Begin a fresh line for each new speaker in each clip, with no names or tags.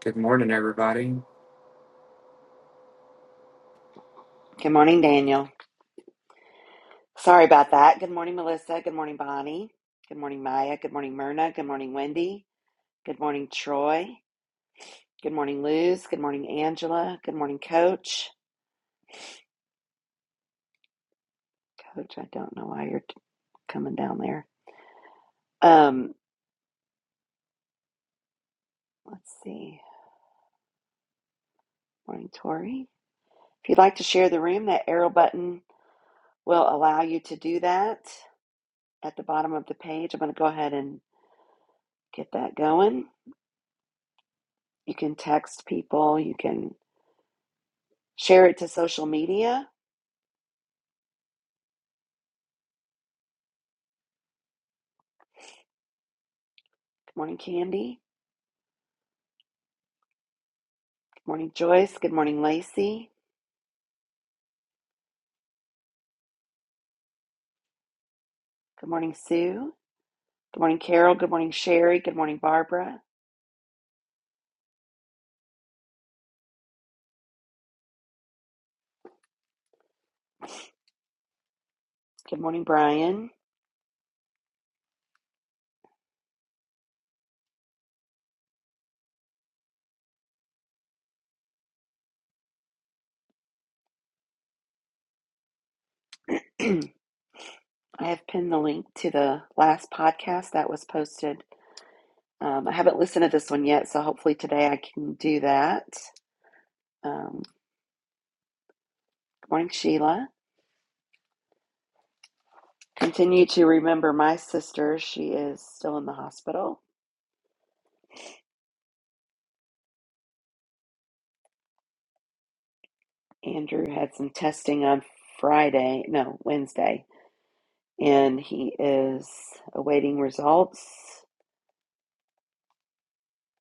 Good morning, everybody.
Good morning, Daniel. Sorry about that. Good morning, Melissa. Good morning, Bonnie. Good morning, Maya. Good morning, Myrna. Good morning, Wendy. Good morning, Troy. Good morning, Luz. Good morning, Angela. Good morning, Coach. Coach, I don't know why you're t- coming down there. Um, let's see. Morning, Tori. If you'd like to share the room, that arrow button will allow you to do that at the bottom of the page. I'm going to go ahead and get that going. You can text people. You can share it to social media Good morning, Candy. Good morning, Joyce. Good morning, Lacey. Good morning, Sue. Good morning, Carol. Good morning, Sherry. Good morning, Barbara. Good morning, Brian. I have pinned the link to the last podcast that was posted. Um, I haven't listened to this one yet, so hopefully today I can do that. Um, good morning, Sheila. Continue to remember my sister. She is still in the hospital. Andrew had some testing on Friday, no, Wednesday, and he is awaiting results.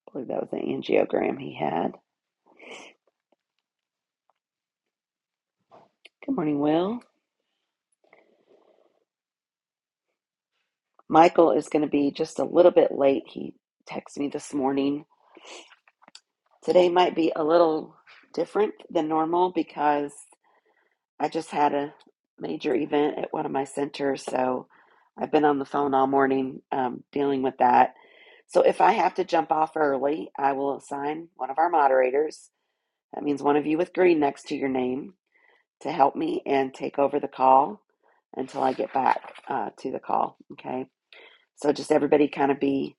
I believe that was the angiogram he had. Good morning, Will. Michael is going to be just a little bit late. He texted me this morning. Today might be a little different than normal because I just had a major event at one of my centers. So I've been on the phone all morning um, dealing with that. So if I have to jump off early, I will assign one one of of our moderators. That means one of you with green next to your name. to help me and take over the call until I get back uh, to the call. Okay. So just everybody kind of be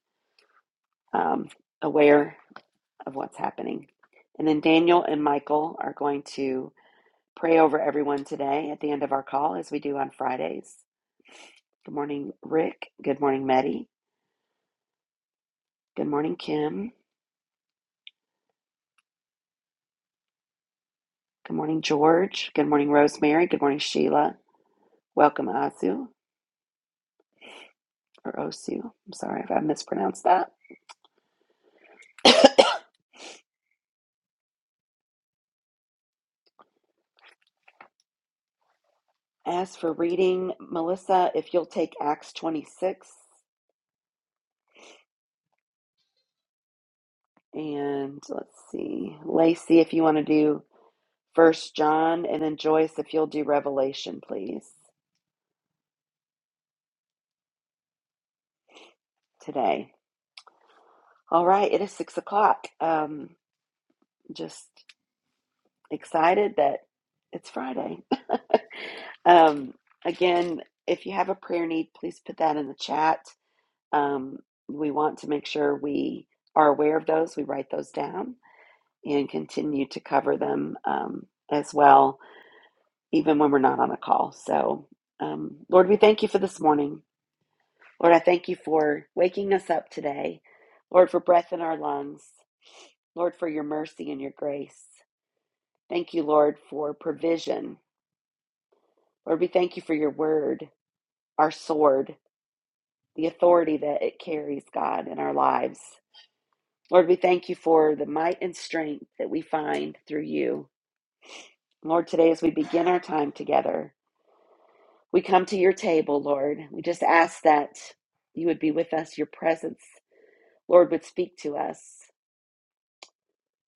um, aware of what's happening. And then Daniel and Michael are going to pray over everyone today at the end of our call, as we do on Fridays. Good morning, Rick. Good morning, Meddy. Good morning, Kim. Good morning, George. Good morning, Rosemary. Good morning, Sheila. Welcome, Azu or Osu. I'm sorry if I mispronounced that. As for reading, Melissa, if you'll take Acts 26 and let's see, Lacey, if you want to do First John, and then Joyce, if you'll do Revelation, please, today. All right, it is six o'clock. Um, just excited that it's Friday. um, again, if you have a prayer need, please put that in the chat. Um, we want to make sure we are aware of those, we write those down. and continue to cover them um, as well, even when we're not on a call. So, um, Lord, we thank you for this morning. Lord, I thank you for waking us up today. Lord, for breath in our lungs. Lord, for your mercy and your grace. Thank you, Lord, for provision. Lord, we thank you for your word, our sword, the authority that it carries, God, in our lives. Lord, we thank you for the might and strength that we find through you. Lord, today as we begin our time together, We come to your table, Lord. We just ask that you would be with us, your presence, Lord, would speak to us.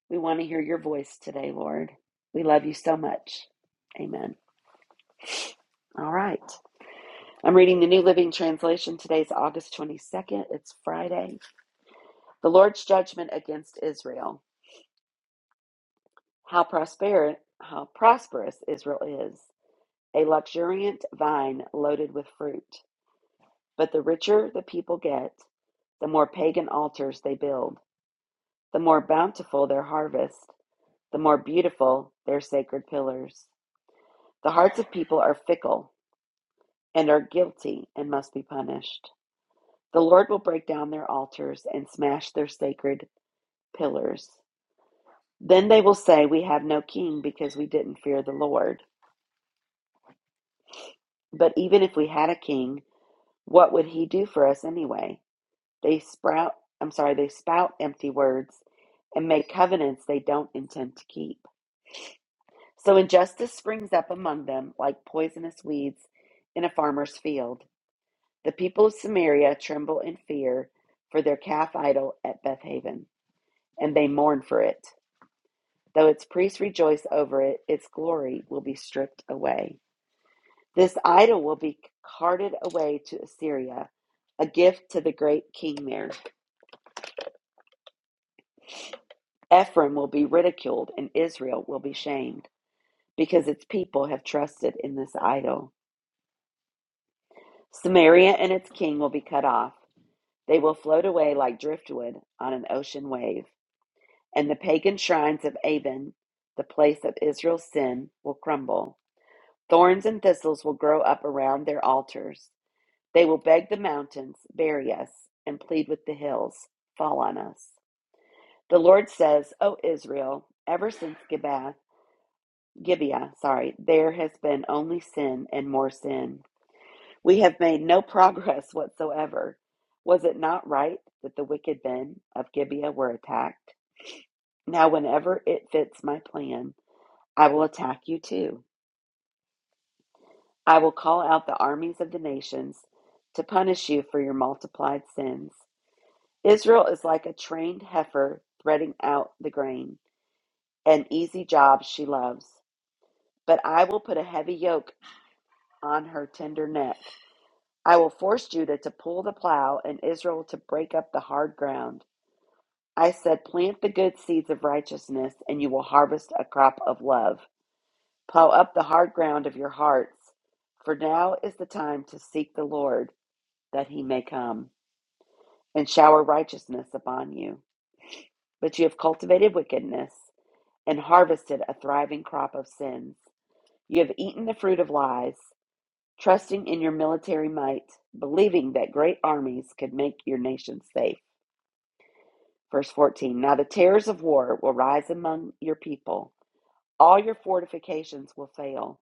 We want to hear your voice today, Lord. We love you so much. Amen. All right. I'm reading the New Living Translation. Today's August 22nd. It's Friday. The Lord's judgment against Israel. How prosper, how prosperous Israel is, a luxuriant vine loaded with fruit. But the richer the people get, the more pagan altars they build. The more bountiful their harvest, the more beautiful their sacred pillars. The hearts of people are fickle and are guilty and must be punished. The Lord will break down their altars and smash their sacred pillars. Then they will say, We have no king because we didn't fear the Lord. But even if we had a king, what would he do for us anyway? They sprout, I'm sorry, they spout empty words and make covenants they don't intend to keep. So injustice springs up among them like poisonous weeds in a farmer's field. The people of Samaria tremble in fear for their calf idol at Bethaven, and they mourn for it. Though its priests rejoice over it, its glory will be stripped away. This idol will be carted away to Assyria, a gift to the great king there. Ephraim will be ridiculed, and Israel will be shamed, because its people have trusted in this idol. Samaria and its king will be cut off. They will float away like driftwood on an ocean wave, and the pagan shrines of Avon, the place of Israel's sin, will crumble. Thorns and thistles will grow up around their altars. They will beg the mountains, bury us, and plead with the hills, fall on us. The Lord says, O Israel, ever since Gibeah, Gibeah, sorry, there has been only sin and more sin. We have made no progress whatsoever. Was it not right that the wicked men of Gibeah were attacked? Now, whenever it fits my plan, I will attack you too. I will call out the armies of the nations to punish you for your multiplied sins. Israel is like a trained heifer threading out the grain, an easy job she loves. But I will put a heavy yoke on her tender neck. I will force Judah to pull the plow and Israel to break up the hard ground. I said, Plant the good seeds of righteousness, and you will harvest a crop of love. Plow up the hard ground of your hearts, for now is the time to seek the Lord, that he may come and shower righteousness upon you. But you have cultivated wickedness and harvested a thriving crop of sins. You have eaten the fruit of lies, trusting in your military might, believing that great armies could make your nation safe. Verse 14 Now the terrors of war will rise among your people All your fortifications will fail,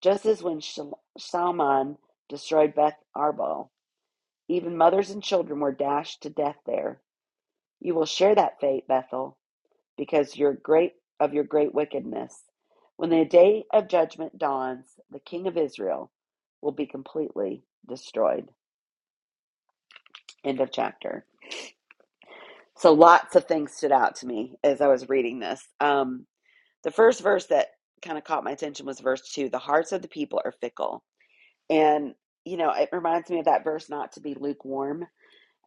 just as when Shal- Shalman destroyed Beth Arbel. Even mothers and children were dashed to death there. You will share that fate, Bethel, because your great of your great wickedness. When the day of judgment dawns, the king of Israel will be completely destroyed. End of chapter. So lots of things stood out to me as I was reading this. Um, the first verse that kind of caught my attention was verse two. The hearts of the people are fickle And, you know, it reminds me of that verse, not to be lukewarm.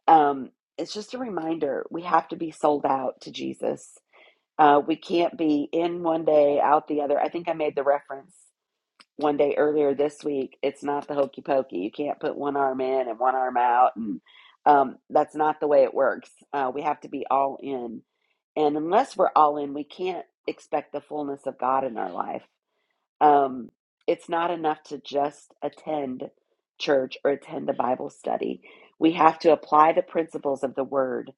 Um, it's just a reminder we have to be sold out to Jesus. Uh, we can't be in one day, out the other. I think I made the reference one day earlier this week. It's not the hokey pokey. You can't put one arm in and one arm out. And um, that's not the way it works. Uh, we have to be all in. And unless we're all in, we can't expect the fullness of God in our life. Um, it's not enough to just attend church or attend a Bible study. We have to apply the principles of the word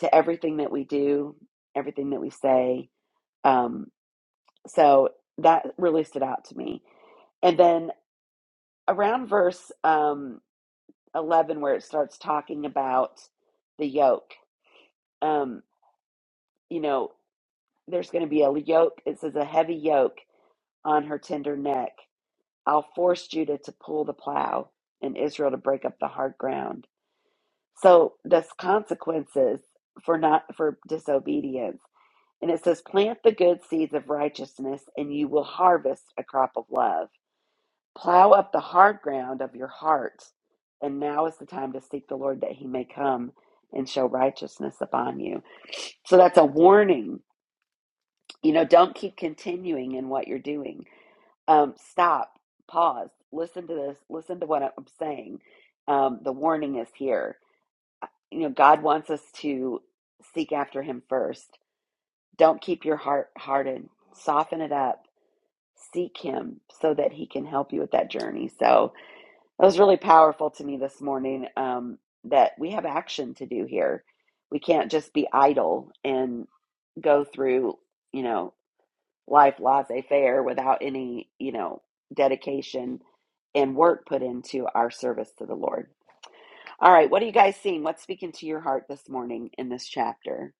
to everything that we do, everything that we say. Um, so that really stood out to me. And then around verse um, 11, where it starts talking about the yoke, um, you know, there's going to be a yoke. It says a heavy yoke on her tender neck. I'll force Judah to pull the plow and Israel to break up the hard ground. So there's consequences for not for disobedience. And it says, plant the good seeds of righteousness and you will harvest a crop of love. Plow up the hard ground of your heart. And now is the time to seek the Lord that he may come and show righteousness upon you. So that's a warning. You know, don't keep continuing in what you're doing um, stop, pause, listen to this, listen to what I'm saying. Um, the warning is here. You know, God wants us to seek after Him first. Don't keep your heart hardened. Soften it up. Seek Him so that He can help you with that journey. So that was really powerful to me this morning. Um, that we have action to do here. We can't just be idle and go through. You know life laissez faire without any, you know, dedication and work put into our service to the Lord. All right, what are you guys seeing? What's speaking to your heart this morning in this chapter?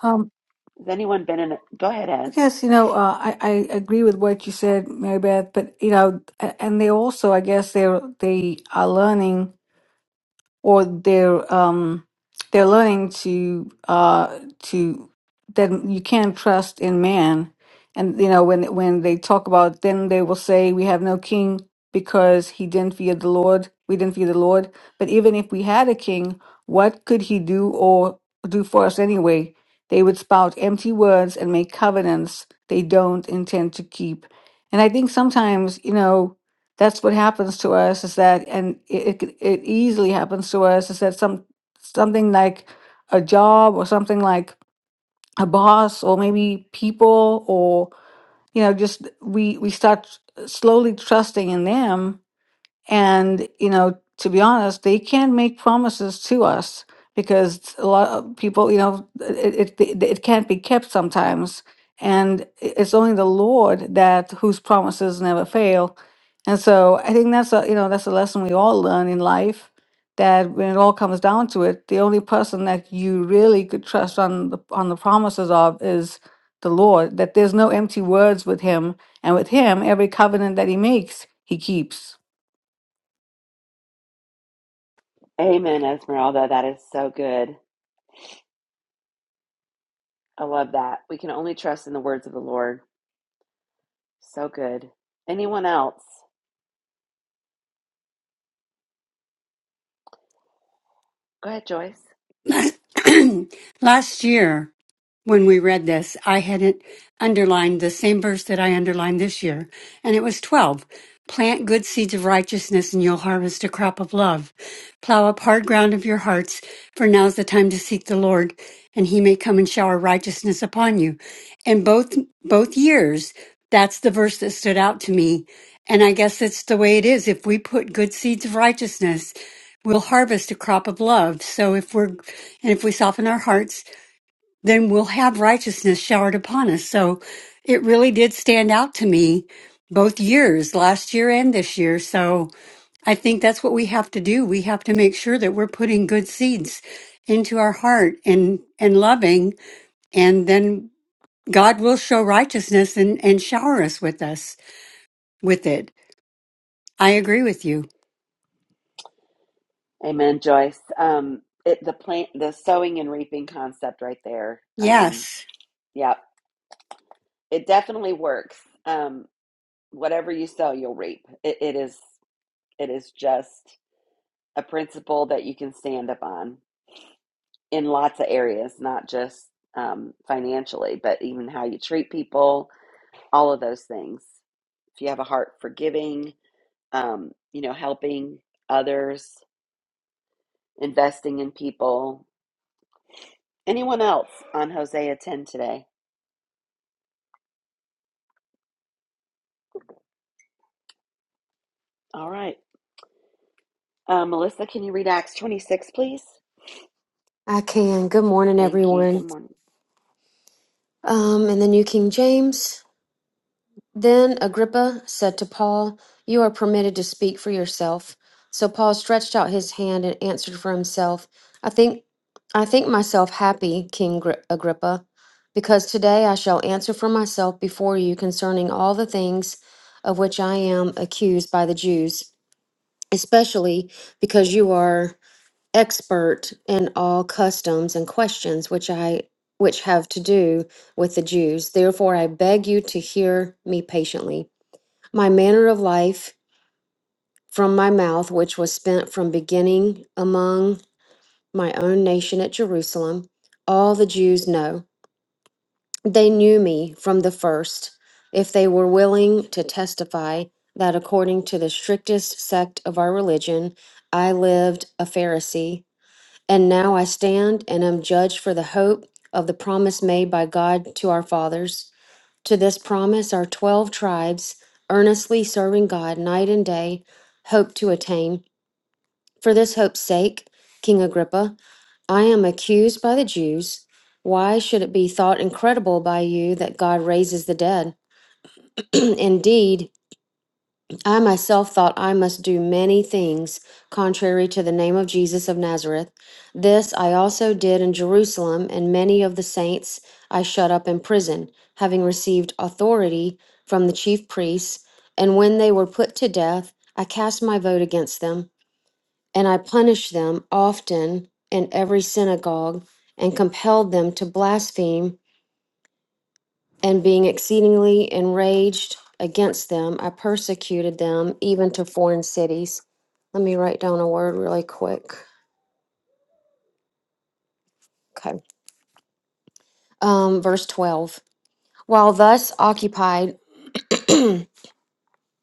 Um,
Has anyone been in? Go ahead,
I
Ez.
guess, you know, uh, I, I agree with what you said, Mary Beth, but, you know, a- and they also, I guess, they're, they are learning or they're um, they're learning to uh, to that you can't trust in man. And you know when when they talk about, then they will say we have no king because he didn't fear the Lord. We didn't fear the Lord. But even if we had a king, what could he do or do for us anyway? They would spout empty words and make covenants they don't intend to keep. And I think sometimes, you know, that's what happens to us is that and it, it could- it easily happens to us is that some something like a job or something like a boss or maybe people or you know just we we start slowly trusting in them and, you know, to be honest, they can make promises to us because a lot of people, you know, it, it, it can't be kept sometimes. And i- it's only the Lord that whose promises never fail. And so I think that's a, you know, that's a lesson we all learn in life that when it all comes down to it, the only person that you really could trust on the, on the promises of is the Lord, that there's no empty words with him. And with him, every covenant that he makes, he keeps.
Amen, Esmeralda. That is so good. I love that. We can only trust in the words of the Lord. So good. Anyone else? Go ahead, Joyce.
Last year, when we read this, I had it underlined the same verse that I underlined this year, and it was 12. Plant good seeds of righteousness and you'll harvest a crop of love. Plow up hard ground of your hearts, for now's the time to seek the Lord, and he may come and shower righteousness upon you. And both, both years, that's the verse that stood out to me. And I guess it's the way it is. If we put good seeds of righteousness we'll harvest a crop of love. So if we're, and if we soften our hearts, then we'll have righteousness showered upon us. So it really did stand out to me both years, last year and this year. So I think that's what we have to do. We have to make sure that we're putting good seeds into our heart and, and loving. And then God will show righteousness and, and shower us with us with it. I agree with you.
Amen, Joyce. Um, it, the plant, the sowing and reaping concept, right there. Um,
Yes.
yeah, it definitely works. Um, whatever you sow, you'll reap. It, it is it is just a principle that you can stand up on in lots of areas, not just um, financially, but even how you treat people, all of those things. If you have a heart for giving, um, you know, helping others, investing in people, anyone else on Hosea 10 today? All right. Uh, Melissa, can you read Acts 26, please?
I can. Good morning,
Thank you. Good
everyone.
morning.
Um, in the New King James, then Agrippa said to Paul, You are permitted to speak for yourself. So Paul stretched out his hand and answered for himself, I think I think myself happy, King Gri- Agrippa, because today I shall answer for myself before you concerning all the things of which I am accused by the Jews, especially because you are expert in all customs and questions which I which have to do with the Jews. Therefore I beg you to hear me patiently. My manner of life from my mouth, which was spent from beginning among my own nation at Jerusalem, all the Jews know. They knew me from the first, if they were willing to testify that according to the strictest sect of our religion, I lived a Pharisee And now I stand and am judged for the hope of the promise made by God to our fathers. To this promise, our 12 tribes, earnestly serving God night and day, hope to attain. For this hope's sake, King Agrippa, I am accused by the Jews. Why should it be thought incredible by you that God raises the dead? Indeed, I myself thought I must do many things contrary to the name of Jesus of Nazareth. This I also did in Jerusalem, and many of the saints I shut up in prison, having received authority from the chief priests. And when they were put to death, I cast my vote against them, and I punished them often in every synagogue, and compelled them to blaspheme and being exceedingly enraged against them, I persecuted them even to foreign cities. Let me write down a word really quick. Okay. Um, verse 12. While thus occupied,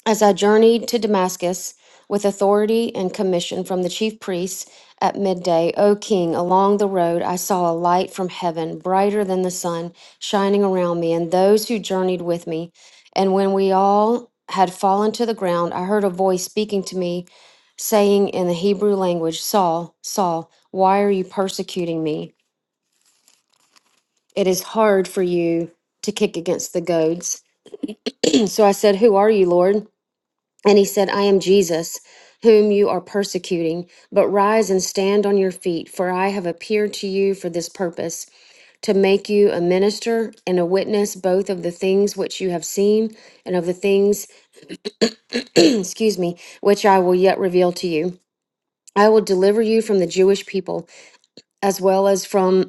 As I journeyed to Damascus with authority and commission from the chief priests at midday, O king, along the road I saw a light from heaven, brighter than the sun, shining around me and those who journeyed with me. And when we all had fallen to the ground, I heard a voice speaking to me, saying in the Hebrew language, Saul, Saul, why are you persecuting me? It is hard for you to kick against the goads. so I said, Who are you, Lord? And he said, I am Jesus, whom you are persecuting, but rise and stand on your feet, for I have appeared to you for this purpose, to make you a minister and a witness both of the things which you have seen and of the things, excuse me, which I will yet reveal to you. I will deliver you from the Jewish people, as well as from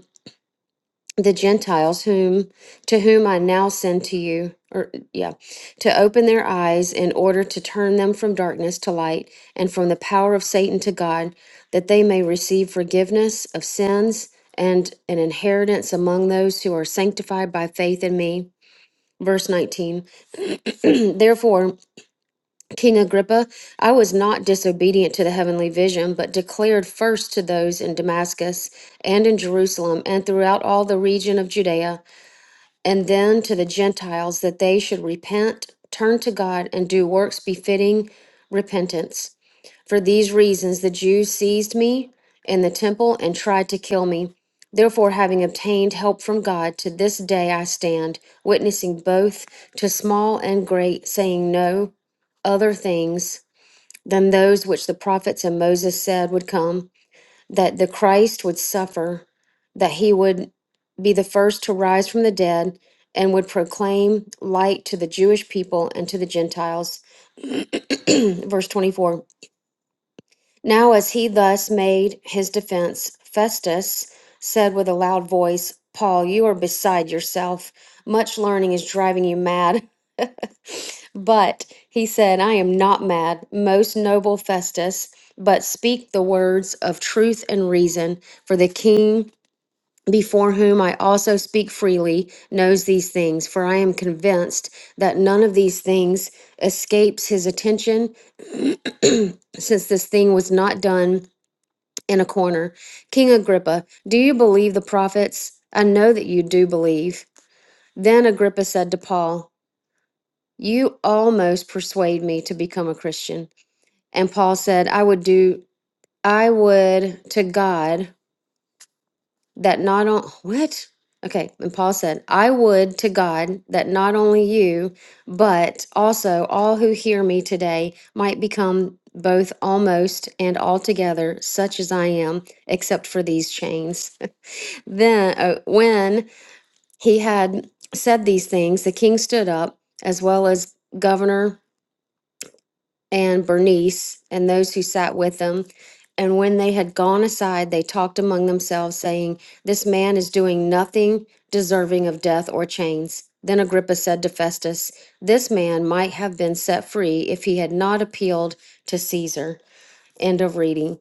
the Gentiles whom to whom I now send to you or yeah to open their eyes in order to turn them from darkness to light and from the power of Satan to God that they may receive forgiveness of sins and an inheritance among those who are sanctified by faith in me verse 19 therefore king agrippa i was not disobedient to the heavenly vision but declared first to those in damascus and in jerusalem and throughout all the region of judea and then to the Gentiles that they should repent, turn to God, and do works befitting repentance. For these reasons, the Jews seized me in the temple and tried to kill me. Therefore, having obtained help from God, to this day I stand, witnessing both to small and great, saying no other things than those which the prophets and Moses said would come that the Christ would suffer, that he would be the first to rise from the dead, and would proclaim light to the Jewish people and to the Gentiles. Verse 24 Now, as he thus made his defense, Festus said with a loud voice, Paul, you are beside yourself. Much learning is driving you mad. but he said, I am not mad, most noble Festus, but speak the words of truth and reason, for the king before whom I also speak freely, knows these things, for I am convinced that none of these things escapes his attention, since this thing was not done in a corner. King Agrippa, do you believe the prophets? I know that you do believe. Then Agrippa said to Paul, You almost persuade me to become a Christian. And Paul said, I would do, I would to God that not on what okay and paul said i would to god that not only you but also all who hear me today might become both almost and altogether such as i am except for these chains then uh, when he had said these things the king stood up as well as governor and Bernice and those who sat with them. And when they had gone aside, they talked among themselves, saying, This man is doing nothing deserving of death or chains. Then Agrippa said to Festus, This man might have been set free if he had not appealed to Caesar. End of reading.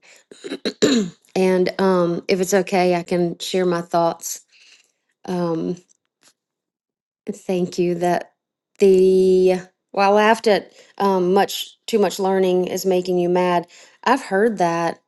and um, if it's okay, I can share my thoughts. Um, Thank you. That the while laughed at um, much too much learning is making you mad. I've heard that,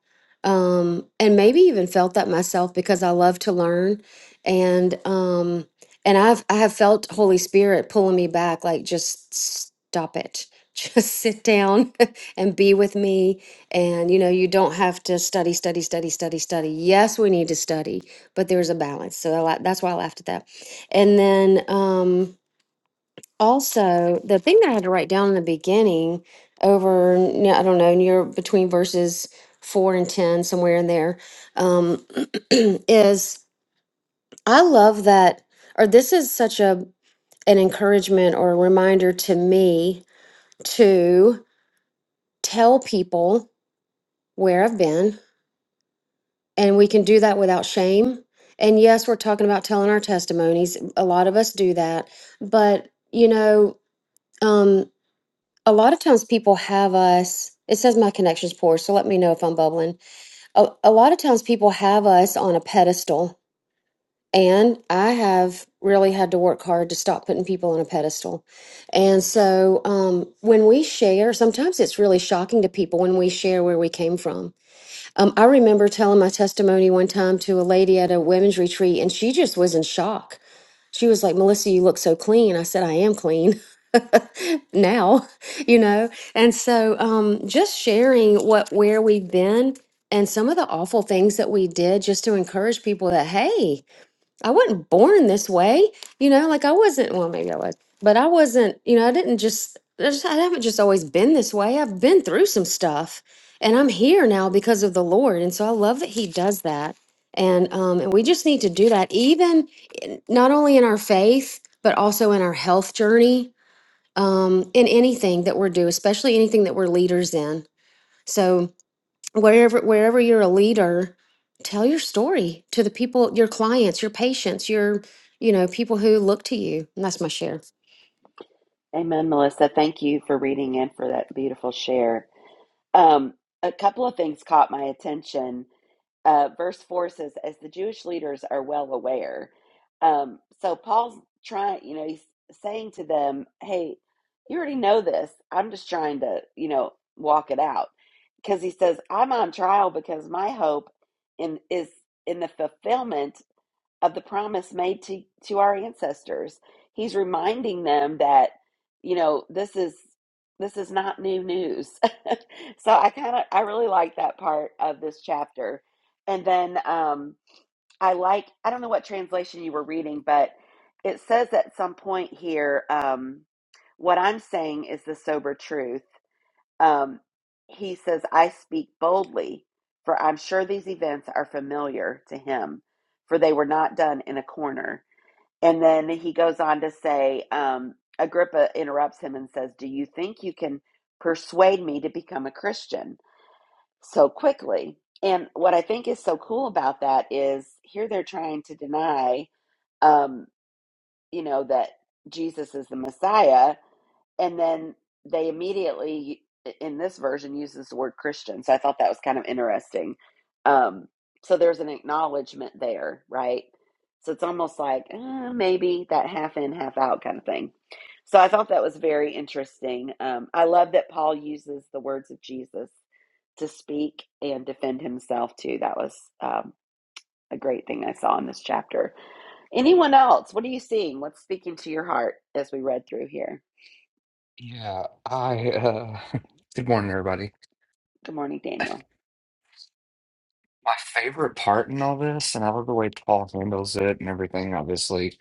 um, and maybe even felt that myself because I love to learn, and um, and I've I have felt Holy Spirit pulling me back, like just stop it. Just sit down and be with me. And you know, you don't have to study, study, study, study, study. Yes, we need to study, but there's a balance. So I, la- that's why I laughed at that. And then um, also the thing that I had to write down in the beginning over, n- I don't know, near between verses four and 10, somewhere in there, um, is I love that, or this is such a an encouragement or a reminder to me to tell people where I've been. And we can do that without shame. And yes, we're talking about telling our testimonies. A lot of us do that. But, you know, um, a lot of times people have us it says my connection's poor so let me know if i'm bubbling a, a lot of times people have us on a pedestal and i have really had to work hard to stop putting people on a pedestal and so um, when we share sometimes it's really shocking to people when we share where we came from um, i remember telling my testimony one time to a lady at a women's retreat and she just was in shock she was like melissa you look so clean i said i am clean now, you know. And so um just sharing what where we've been and some of the awful things that we did just to encourage people that hey, I wasn't born this way, you know, like I wasn't well maybe I was, but I wasn't, you know, I didn't just there's- I haven't just always been this way. I've been through some stuff and I'm here now because of the Lord. And so I love that he does that. And um and we just need to do that even in- not only in our faith, but also in our health journey um, in anything that we're doing, especially anything that we're leaders in. So wherever wherever you're a leader, tell your story to the people, your clients, your patients, your you know people who look to you. And that's my share.
Amen, Melissa. Thank you for reading and for that beautiful share. Um, a couple of things caught my attention. Uh, verse 4 says, as the Jewish leaders are well aware. Um, so Paul's trying, you know, he's saying to them, hey, you already know this. I'm just trying to, you know, walk it out. Because he says, I'm on trial because my hope in is in the fulfillment of the promise made to to our ancestors. He's reminding them that you know this is this is not new news. so I kind of I really like that part of this chapter. And then um I like I don't know what translation you were reading, but it says at some point here um what I'm saying is the sober truth um, he says, I speak boldly, for I'm sure these events are familiar to him, for they were not done in a corner. And then he goes on to say, um, Agrippa interrupts him and says, Do you think you can persuade me to become a Christian so quickly? And what I think is so cool about that is here they're trying to deny, um, you know, that Jesus is the Messiah and then they immediately in this version uses the word christian so i thought that was kind of interesting um so there's an acknowledgement there right so it's almost like uh, maybe that half in half out kind of thing so i thought that was very interesting um i love that paul uses the words of jesus to speak and defend himself too that was um a great thing i saw in this chapter anyone else what are you seeing what's speaking to your heart as we read through here
Yeah, I uh good morning everybody.
good morning daniel
My favorite part in all this, and I love the way Paul handles it and everything, obviously,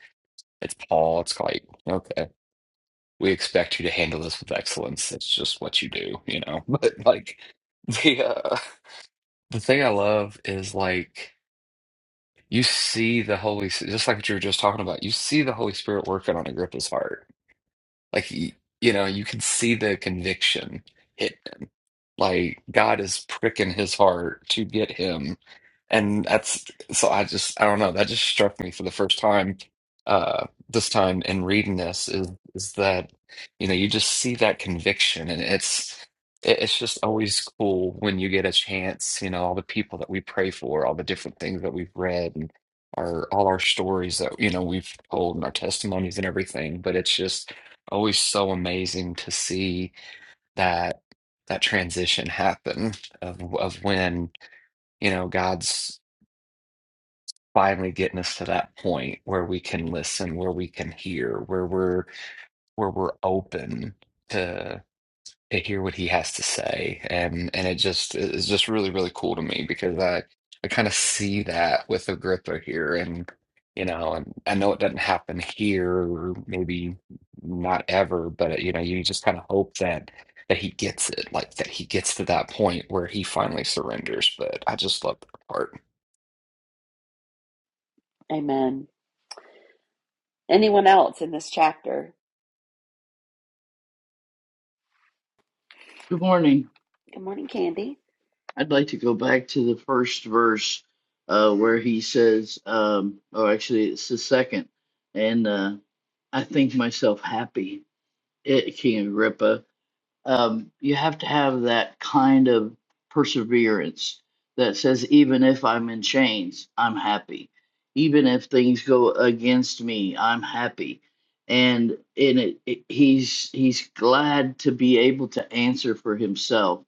it's Paul. It's like, okay, we expect you to handle this with excellence. It's just what you do, you know. But like the uh the thing I love is like you see the Holy, just like what you were just talking about, you see the Holy Spirit working on Agrippa's heart Like he, you know, you can see the conviction hit him. Like God is pricking his heart to get him. And that's so I just I don't know, that just struck me for the first time uh this time in reading this is is that you know, you just see that conviction and it's it- it's just always cool when you get a chance, you know, all the people that we pray for, all the different things that we've read and our all our stories that you know we've told and our testimonies and everything, but it's just always so amazing to see that that transition happen of of when, you know, God's finally getting us to that point where we can listen, where we can hear, where we're where we're open to hear what he has to say and and it just it's just really really cool to me because I I kind of see that with Agrippa here and you know and I know it doesn't happen here or maybe not ever but uh, you know you just kind of hope that that he gets it like that he gets to that point where he finally surrenders but I just love that part
Amen. Anyone else in this chapter?
Good morning.
Good morning, Candy.
I'd like to go back to the first verse uh, where he says, um, or actually, it's the second, and uh, I think myself happy, it, King Agrippa. Um, you have to have that kind of perseverance that says, even if I'm in chains, I'm happy. Even if things go against me, I'm happy. And in it, it, he's he's glad to be able to answer for himself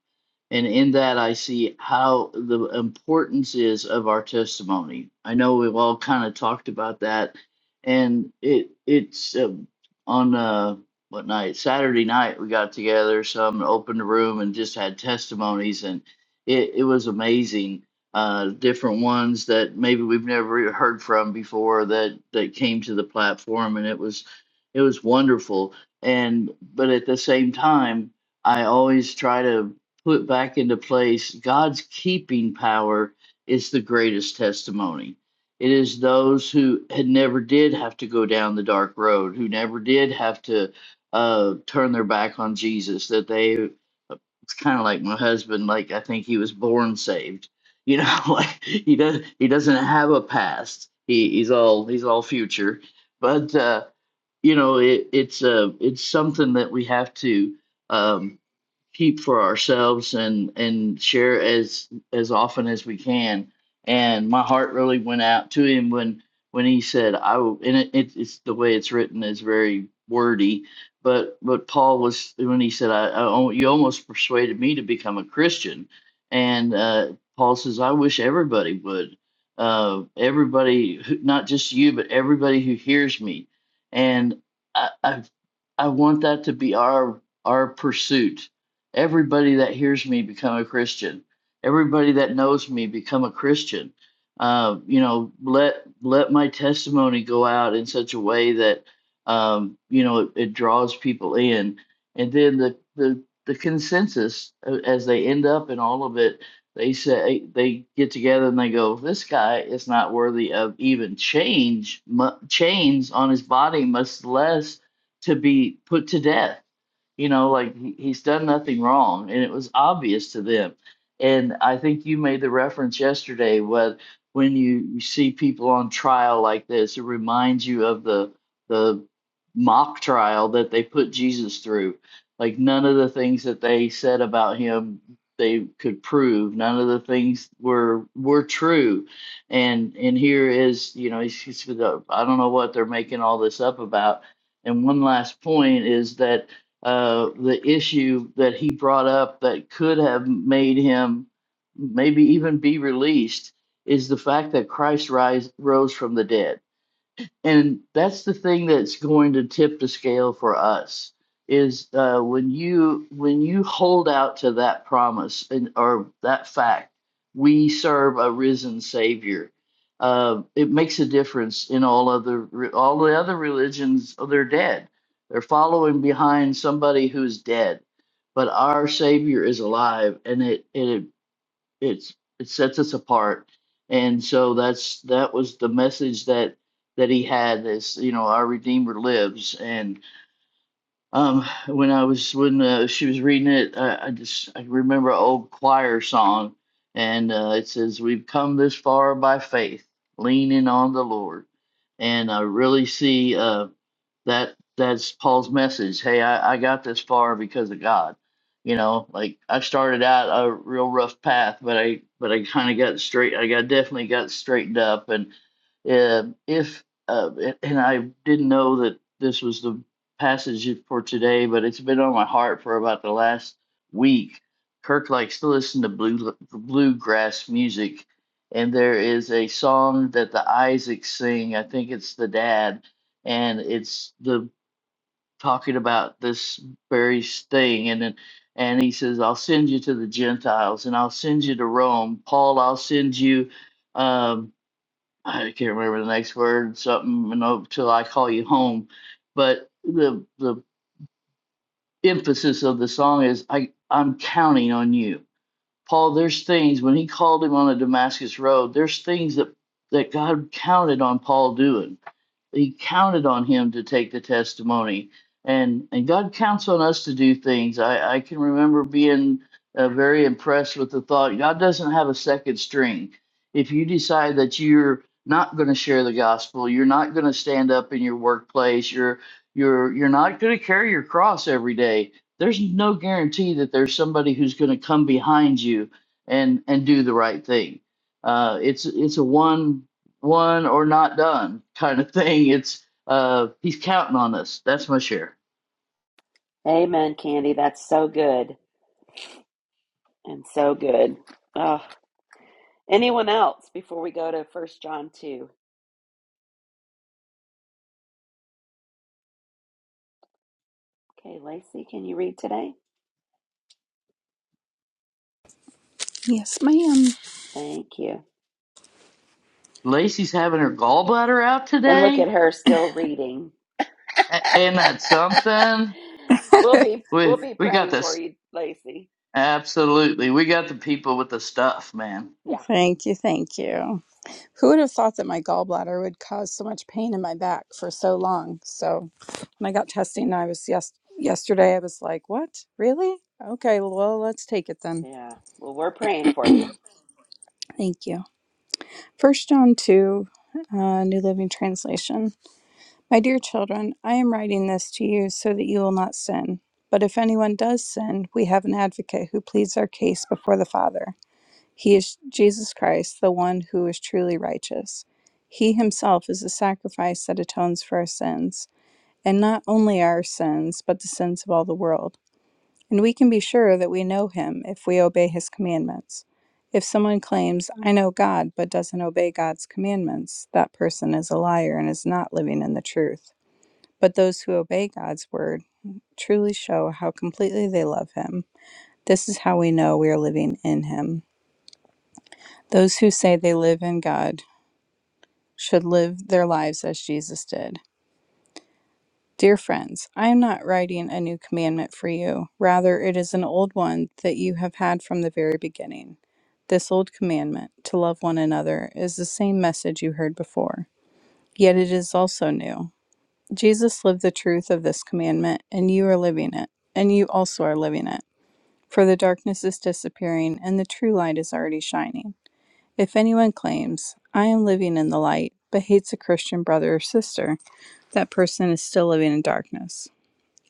and in that, I see how the importance is of our testimony. I know we've all kind of talked about that, and it it's um, on uh, what night? Saturday night we got together. Some opened a room and just had testimonies, and it it was amazing. Uh, different ones that maybe we've never e, heard from before that that came to the platform, and it was it was wonderful. And but at the same time, I always try to put back into place, God's keeping power is the greatest testimony. It is those who had never did have to go down the dark road, who never did have to uh, turn their back on Jesus, that they it's kind of like my husband like i think he was born saved you know like he does he doesn't have a past he, he's all he's all future but uh you know it, it's uh it's something that we have to um, keep for ourselves and and share as as often as we can. And my heart really went out to him when when he said, "I will." And it, it, it's the way it's written is very wordy, but but Paul was when he said, "I, I al- you almost persuaded me to become a Christian," and uh, Paul says, "I wish everybody would." Uh, everybody, who- not just you, but everybody who hears me, and I, I, I want that to be our our pursuit everybody that hears me become a christian everybody that knows me become a christian uh, you know let let my testimony go out in such a way that um, you know it, it draws people in and then the the the consensus uh, as they end up in all of it they say they get together and they go this guy is not worthy of even change mu chains on his body much less to be put to death you know, like he, he's done nothing wrong, and it was obvious to them. And I think you made the reference yesterday what when you, you see people on trial like this, it reminds you of the the mock trial that they put Jesus through. Like none of the things that they said about him they could prove. None of the things were were true. And and here is, you know, he's, he's I don't know what they're making all this up about. And one last point is that uh, the issue that he brought up that could have made him maybe even be released is the fact that Christ rise, rose from the dead and that's the thing that's going to tip the scale for us is uh, when you when you hold out to that promise and or that fact we serve a risen savior uh, it makes a difference in all other all the other religions oh, they're dead they're following behind somebody who's dead but our savior is alive and it, it it's it sets us apart and so that's that was the message that that he had is you know our redeemer lives and um when i was when uh, she was reading it I, I just i remember an old choir song and uh, it says we've come this far by faith leaning on the lord and i really see uh that that's Paul's message. Hey, I, I got this far because of God. You know, like I started out a real rough path, but I but I kind of got straight. I got definitely got straightened up, and uh, if uh, a- and I didn't know that this was the passage for today, but it's been on my heart for about the last week. Kirk likes to listen to blue bluegrass music, and there is a song that the Isaacs sing. I think it's the dad and it's the talking about this very thing and then and he says i'll send you to the gentiles and i'll send you to rome paul i'll send you um i can't remember the next word something you know till i call you home but the the emphasis of the song is i i'm counting on you Paul, there's things when he called him on the Damascus Road, there's things that, that God counted on Paul doing. He counted on him to take the testimony. And and God counts on us to do things. I, I can remember being uh, very impressed with the thought God doesn't have a second string. If you decide that you're not going to share the gospel, you're not going to stand up in your workplace, you're you're you're not going to carry your cross every day there's no guarantee that there's somebody who's going to come behind you and and do the right thing. Uh, it's it's a one one or not done kind of thing. It's uh, he's counting on us. That's my share.
Amen, Candy. That's so good and so good. Oh, anyone else before we go to First John 2? Okay, Lacey, can you read today?
Yes, ma'am.
Thank you.
Lacey's having her gallbladder out
And look
today,
at her still reading.
A- and that's something.
we'll be we'll
We
be
we got
praying for
this
you, Lacey.
absolutely. We got the people with the stuff, man.
Yeah.
Thank you, thank you. Who would have thought that my gallbladder would cause so much pain in my back for so long? So when I got testing, I was yes yesterday. I was like, "What? Really? Okay, well, let's take it then."
Yeah. Well, we're praying for you.
Thank you. First John two, uh, New Living Translation. My dear children, I am writing this to you so that you will not sin. But if anyone does sin, we have an advocate who pleads our case before the Father. He is Jesus Christ, the one who is truly righteous. He himself is the sacrifice that atones for our sins, and not only our sins, but the sins of all the world. And we can be sure that we know him if we obey his commandments. If someone claims, I know God, but doesn't obey God's commandments, that person is a liar and is not living in the truth. But those who obey God's word truly show how completely they love him. This is how we know we are living in him. Those who say they live in God should live their lives as Jesus did. Dear friends, I am not writing a new commandment for you. Rather, it is an old one that you have had from the very beginning. This old commandment, to love one another, is the same message you heard before, yet it is also new. Jesus lived the truth of this commandment, and you are living it, and you also are living it. For the darkness is disappearing, and the true light is already shining. If anyone claims, I am living in the light, but hates a Christian brother or sister, That person is still living in darkness.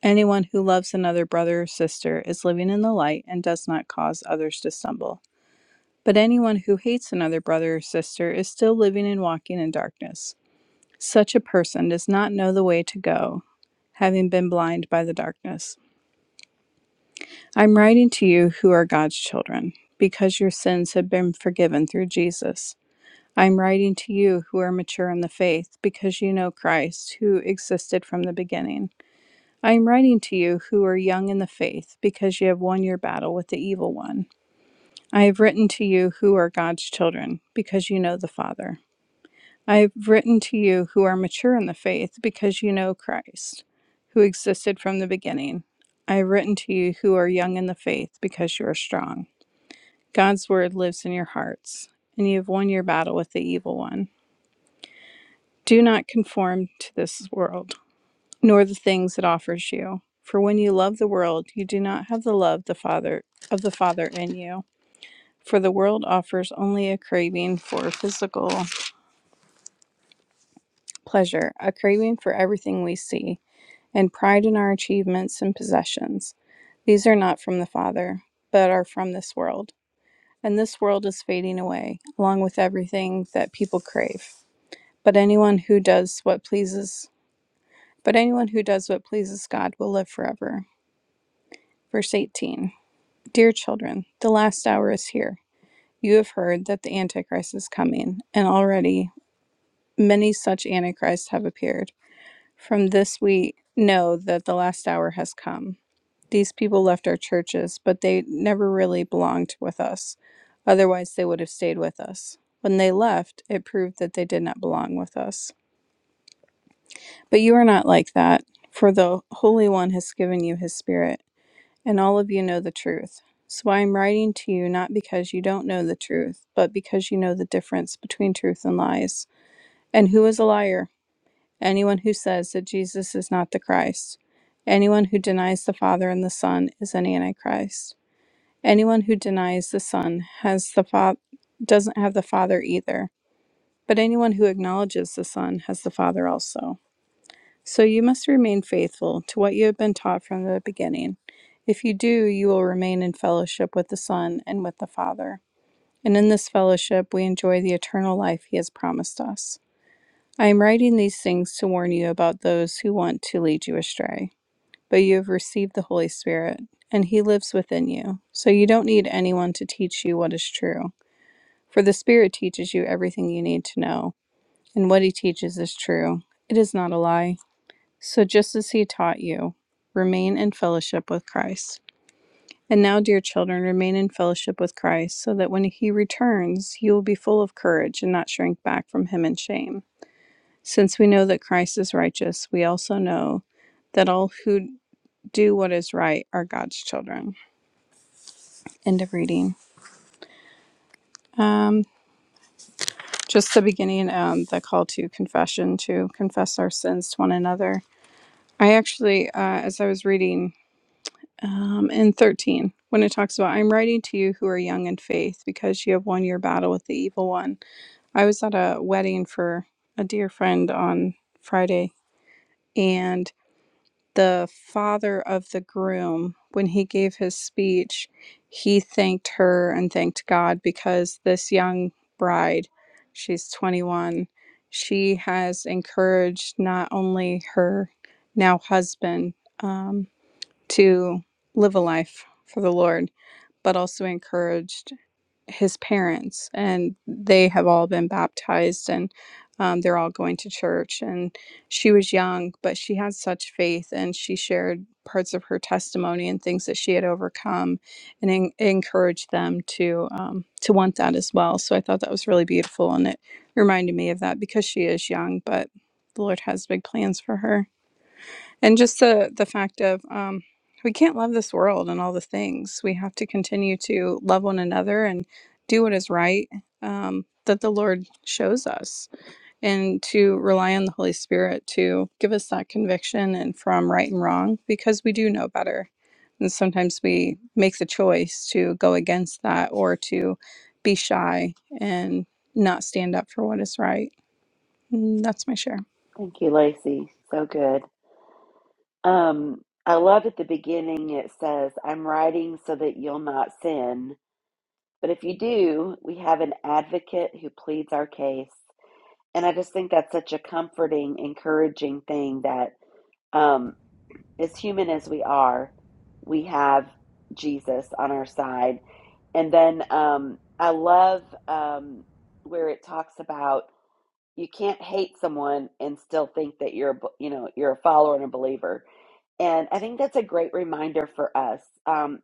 Anyone who loves another brother or sister is living in the light and does not cause others to stumble. But anyone who hates another brother or sister is still living and walking in darkness. Such a person does not know the way to go, having been blind by the darkness. I'm writing to you who are God's children, because your sins have been forgiven through Jesus. I am writing to you who are mature in the faith, because you know Christ, who existed from the beginning. I am writing to you who are young in the faith, because you have won your battle with the evil one. I have written to you who are God's children, because you know the Father. I have written to you who are mature in the faith, because you know Christ, who existed from the beginning. I have written to you who are young in the faith, because you are strong. God's word lives in your hearts, and you have won your battle with the evil one. Do not conform to this world nor the things it offers you. For when you love the world, you do not have the love the Father of the Father in you. For the world offers only a craving for physical pleasure, a craving for everything we see, and pride in our achievements and possessions. These are not from the Father, but are from this world. And this world is fading away, along with everything that people crave. But anyone who does what pleases, but anyone who does what pleases God will live forever. Verse 18. Dear children, the last hour is here. You have heard that the Antichrist is coming, and already many such Antichrists have appeared. From this, we know that the last hour has come. These people left our churches, but they never really belonged with us. Otherwise, they would have stayed with us. When they left, it proved that they did not belong with us. But you are not like that, for the Holy One has given you his Spirit. and all of you know the truth. So I am writing to you not because you don't know the truth, but because you know the difference between truth and lies. And who is a liar? Anyone who says that Jesus is not the Christ. Anyone who denies the Father and the Son is an antichrist. Anyone who denies the Son has the fa- doesn't have the Father either. But anyone who acknowledges the Son has the Father also. So you must remain faithful to what you have been taught from the beginning. If you do, you will remain in fellowship with the Son and with the Father. And in this fellowship, we enjoy the eternal life He has promised us. I am writing these things to warn you about those who want to lead you astray. But you have received the Holy Spirit, and He lives within you. So you don't need anyone to teach you what is true. For the Spirit teaches you everything you need to know, and what He teaches is true. It is not a lie. So just as he taught you, remain in fellowship with Christ. And now, dear children, remain in fellowship with Christ, so that when he returns, you will be full of courage and not shrink back from him in shame. Since we know that Christ is righteous, we also know that all who do what is right are God's children. End of reading. Um, just the beginning, um, the call to confession, to confess our sins to one another. I actually, uh, as I was reading um, and 13 when it talks about i'm writing to you who are young in faith because you have won your battle with the evil one i was at a wedding for a dear friend on friday and the father of the groom when he gave his speech he thanked her and thanked god because this young bride she's 21 she has encouraged not only her now husband um, to live a life for the lord but also encouraged his parents, and they have all been baptized and um, they're all going to church. And she was young, but she had such faith, and she shared parts of her testimony and things that she had overcome, and en- encouraged them to um, to want that as well. So I thought that was really beautiful, and it reminded me of that because she is young, but the Lord has big plans for her. And just the the fact of um, we can't love this world and all the things. We have to continue to love one another and do what is right um, that the Lord shows us, and to rely on the Holy Spirit to give us that conviction and from right and wrong because we do know better. And sometimes we make the choice to go against that or to be shy and not stand up for what is right. And that's my share.
Thank you, Lacey. So good. Um, I love at the beginning it says, I'm writing so that you'll not sin. But if you do, we have an advocate who pleads our case. And I just think that's such a comforting, encouraging thing that um, as human as we are, we have Jesus on our side. And then um, I love um, where it talks about you can't hate someone and still think that you're, a b- you know, you're a follower and a believer and I think that's a great reminder for us. Um,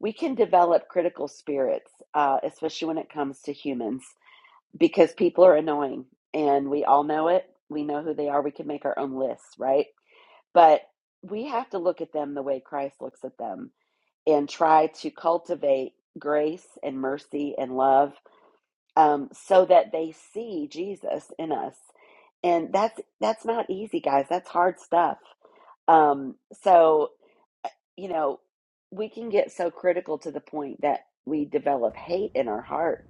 we can develop critical spirits, uh, especially when it comes to humans, because people are annoying and we all know it. We know who they are. We can make our own lists, right? But we have to look at them the way Christ looks at them and try to cultivate grace and mercy and love um, so that they see Jesus in us. And that's that's not easy, guys. That's hard stuff. Um, so you know, we can get so critical to the point that we develop hate in our heart.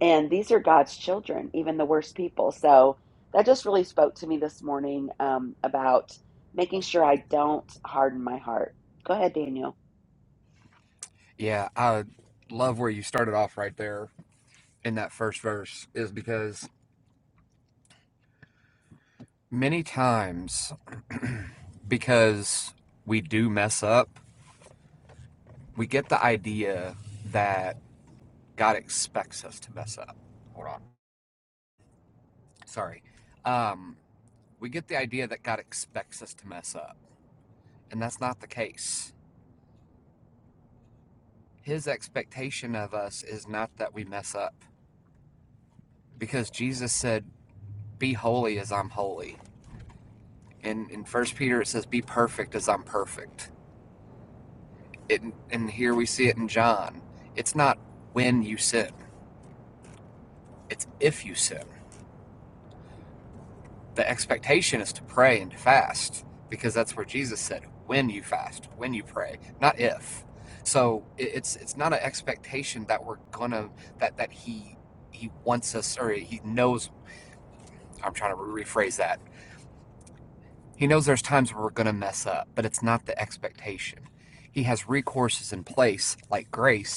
And these are God's children, even the worst people. So that just really spoke to me this morning um, about making sure I don't harden my heart. Go ahead, Daniel.
Yeah, I love where you started off right there in that first verse, is because Many times, because we do mess up, we get the idea that God expects us to mess up. Hold on. Sorry. Um, we get the idea that God expects us to mess up, and that's not the case. His expectation of us is not that we mess up, because Jesus said, Be holy as I'm holy. And in First Peter, it says, Be perfect as I'm perfect. It, and here we see it in John. It's not when you sin It's if you sin. The expectation is to pray and to fast because that's where Jesus said, when you fast, when you pray, not if. So it's it's not an expectation that we're gonna that that he he wants us or he knows I'm trying to rephrase that. He knows there's times where we're gonna mess up, but it's not the expectation. He has recourses in place like grace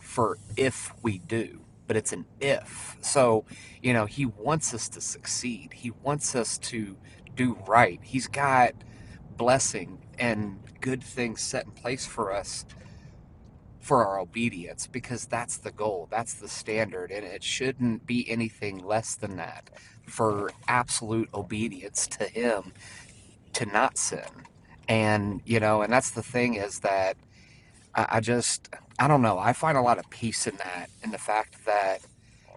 for if we do, but it's an if. So, you know, he wants us to succeed. He wants us to do right. He's got blessing and good things set in place for us for our obedience because that's the goal, that's the standard, and it shouldn't be anything less than that for absolute obedience to him to not sin. And, you know, and that's the thing is that I, I just I don't know. I find a lot of peace in that, in the fact that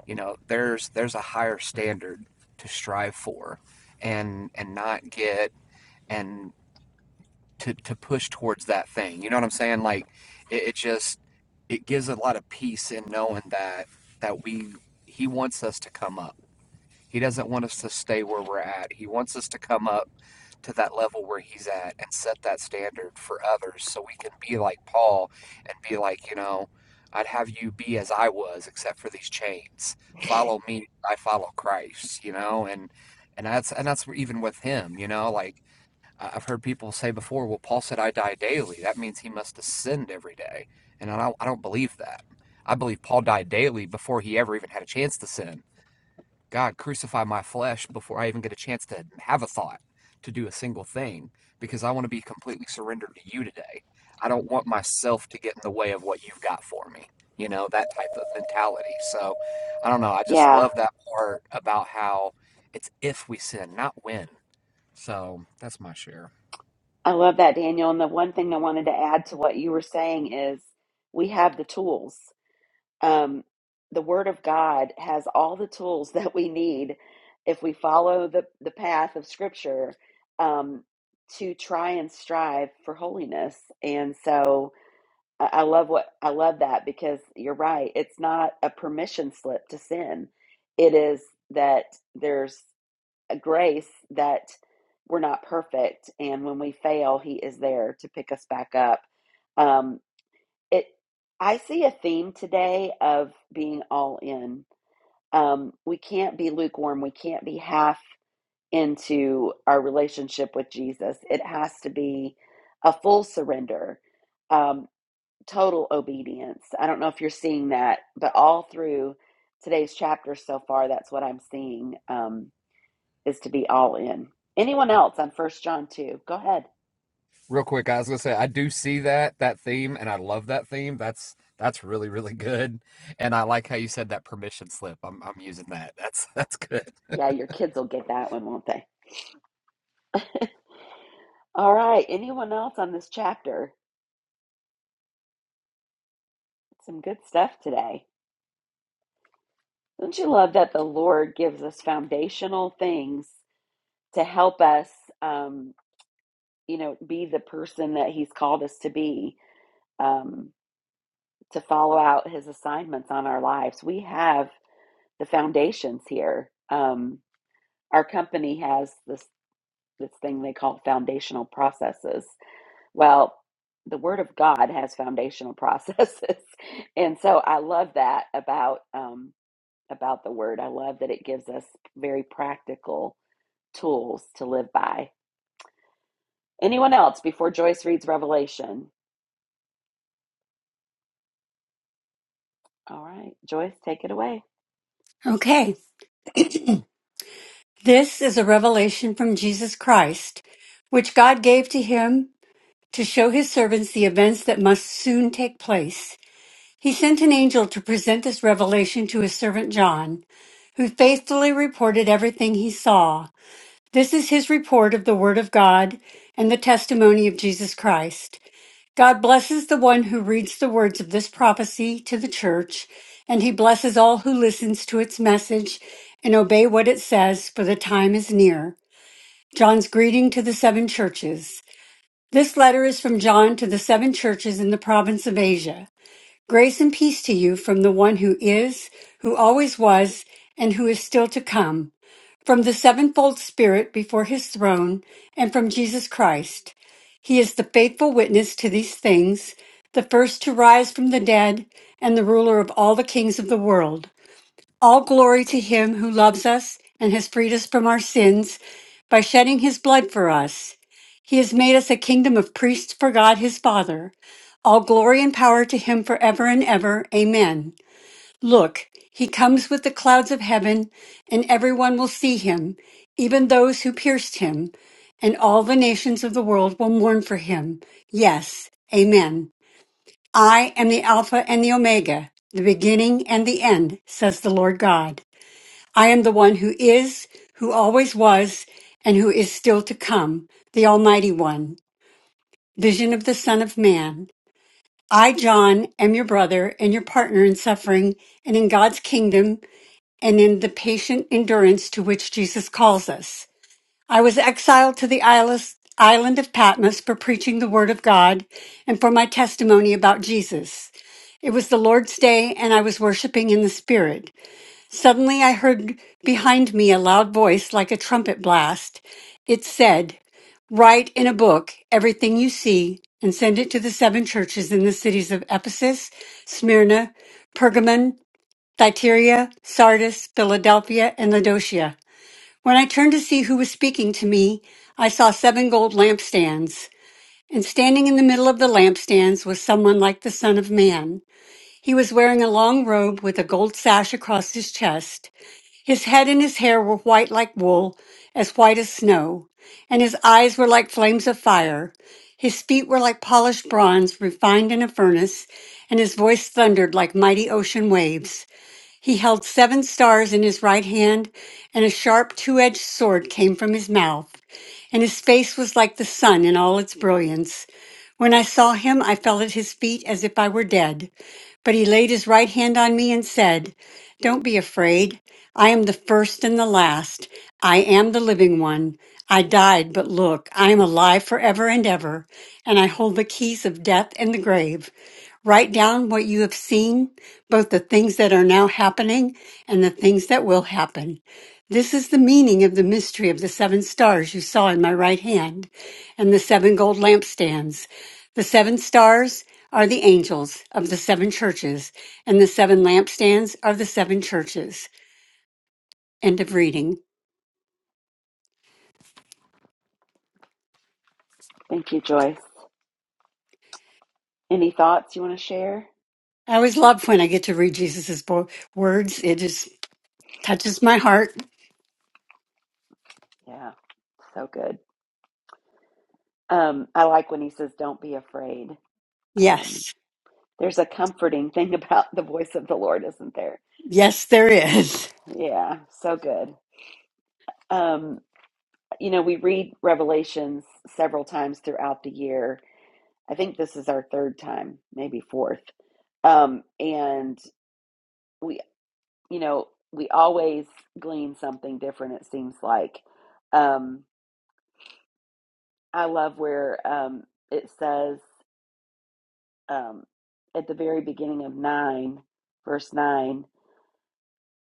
you know there's there's a higher standard to strive for, and and not get and to to push towards that thing. You know what I'm saying? Like it, it just it gives a lot of peace in knowing that that we he wants us to come up. He doesn't want us to stay where we're at. He wants us to come up to that level where he's at and set that standard for others so we can be like Paul and be like, you know, I'd have you be as I was except for these chains. Follow me, I follow Christ, you know, and and that's and that's even with him, you know, like I- have heard people say before, well, Paul said I die daily. That means he must ascend every day. And I don't I don't believe that. I believe Paul died daily before he ever even had a chance to sin. God, crucify my flesh before I even get a chance to thought to do a single thing because I want to be completely surrendered to you today. I don't want myself to get in the way of what you've got for me, you know, that type of mentality. So I don't know, I just
Yeah,
love that part about how it's if we sin, not when. So that's fair.
I love that, Daniel. And the one thing I wanted to add to what you were saying is we have the tools. um, the Word of God has all the tools that we need if we follow the, the path of Scripture um, to try and strive for holiness. And so I, I love what I love that because you're right. It's not a permission slip to sin, it is that there's a grace that we're not perfect. And when we fail, He is there to pick us back up. Um, it i see a theme today of being all in um we can't be lukewarm we can't be half into our relationship with jesus it has to be a full surrender um total obedience i don't know if you're seeing that but all through today's chapter so far that's what i'm seeing um is to be all in anyone else on first john 2 go ahead
Real quick, I was gonna say I do see that that theme and I love that theme. That's that's really, really good. And I like how you said that permission slip. I'm I'm using that. That's that's good.
yeah your kids will get that one won't they all right anyone else on this chapter Some good stuff today. Don't you love that the Lord gives us foundational things to help us, um, you know, be the person that He's called us to be, um, to follow out His assignments on our lives? We have the foundations here. Um, our company has this this thing they call foundational processes. Well, the Word of God has foundational processes, and so I love that about. Um, about the word. I love that it gives us very practical tools to live by. Anyone else before Joyce reads Revelation? All right, Joyce, take it away.
Okay. This is a revelation from Jesus Christ, which God gave to him to show his servants the events that must soon take place. He sent an angel to present this revelation to his servant John, who faithfully reported everything he saw. This is his report of the Word of God and the testimony of Jesus Christ. God blesses the one who reads the words of this prophecy to the church, and he blesses all who listens to its message and obey what it says, for the time is near. John's greeting to the seven churches. This letter is from John to the seven churches in the province of Asia. Grace and peace to you from the one who is, who always was, and who is still to come, from the sevenfold Spirit before his throne, and from Jesus Christ. He is the faithful witness to these things, the first to rise from the dead, and the ruler of all the kings of the world. All glory to him who loves us and has freed us from our sins by shedding his blood for us he has made us a kingdom of priests for God his Father. All glory and power to him forever and ever. Amen. Look, he comes with the clouds of heaven, and everyone will see him, even those who pierced him, and all the nations of the world will mourn for him. Yes. Amen. I am the Alpha and the Omega, the beginning and the end, says the Lord God. I am the one who is, who always was, and who is still to come, the Almighty One. Vision of the Son of Man. I, John, am your brother and your partner in suffering and in God's kingdom and in the patient endurance to which Jesus calls us. I was exiled to the isles- island of Patmos for preaching the word of God and for my testimony about Jesus. It was the Lord's day and I was worshiping in the Spirit. Suddenly I heard behind me a loud voice like a trumpet blast. It said, Write in a book everything you see and send it to the seven churches in the cities of Ephesus, Smyrna, Pergamon, Thyatira, Sardis, Philadelphia, and Laodicea. When I turned to see who was speaking to me, I saw seven gold lampstands. And standing in the middle of the lampstands was someone like the Son of Man. He was wearing a long robe with a gold sash across his chest. His head and his hair were white like wool, as white as snow, and his eyes were like flames of fire. His feet were like polished bronze refined in a furnace, and his voice thundered like mighty ocean waves. He held seven stars in his right hand, and a sharp two edged sword came from his mouth. And his face was like the sun in all its brilliance. When I saw him, I fell at his feet as if I were dead. But he laid his right hand on me and said, Don't be afraid. I am the first and the last. I am the living one. I died, but look, I am alive forever and ever, and I hold the keys of death and the grave. Write down what you have seen, both the things that are now happening and the things that will happen. This is the meaning of the mystery of the seven stars you saw in my right hand and the seven gold lampstands. The seven stars are the angels of the seven churches, and the seven lampstands are the seven churches. End of reading.
Thank you, Joyce. Any thoughts you want to share?
I always love when I get to read Jesus' words. It just touches my heart.
Yeah, so good. Um, I like when he says, "Don't be afraid." Um,
Yes.
there's a comforting thing about the voice of the Lord, isn't there?
Yes, there is.
Yeah, so good. Um, you know, we read Revelations several times throughout the year, I think this is our third time, maybe fourth. Um, and we, you know, we always glean something different, it seems like. Um, I love where um, it says um, at the very beginning of 9, verse 9,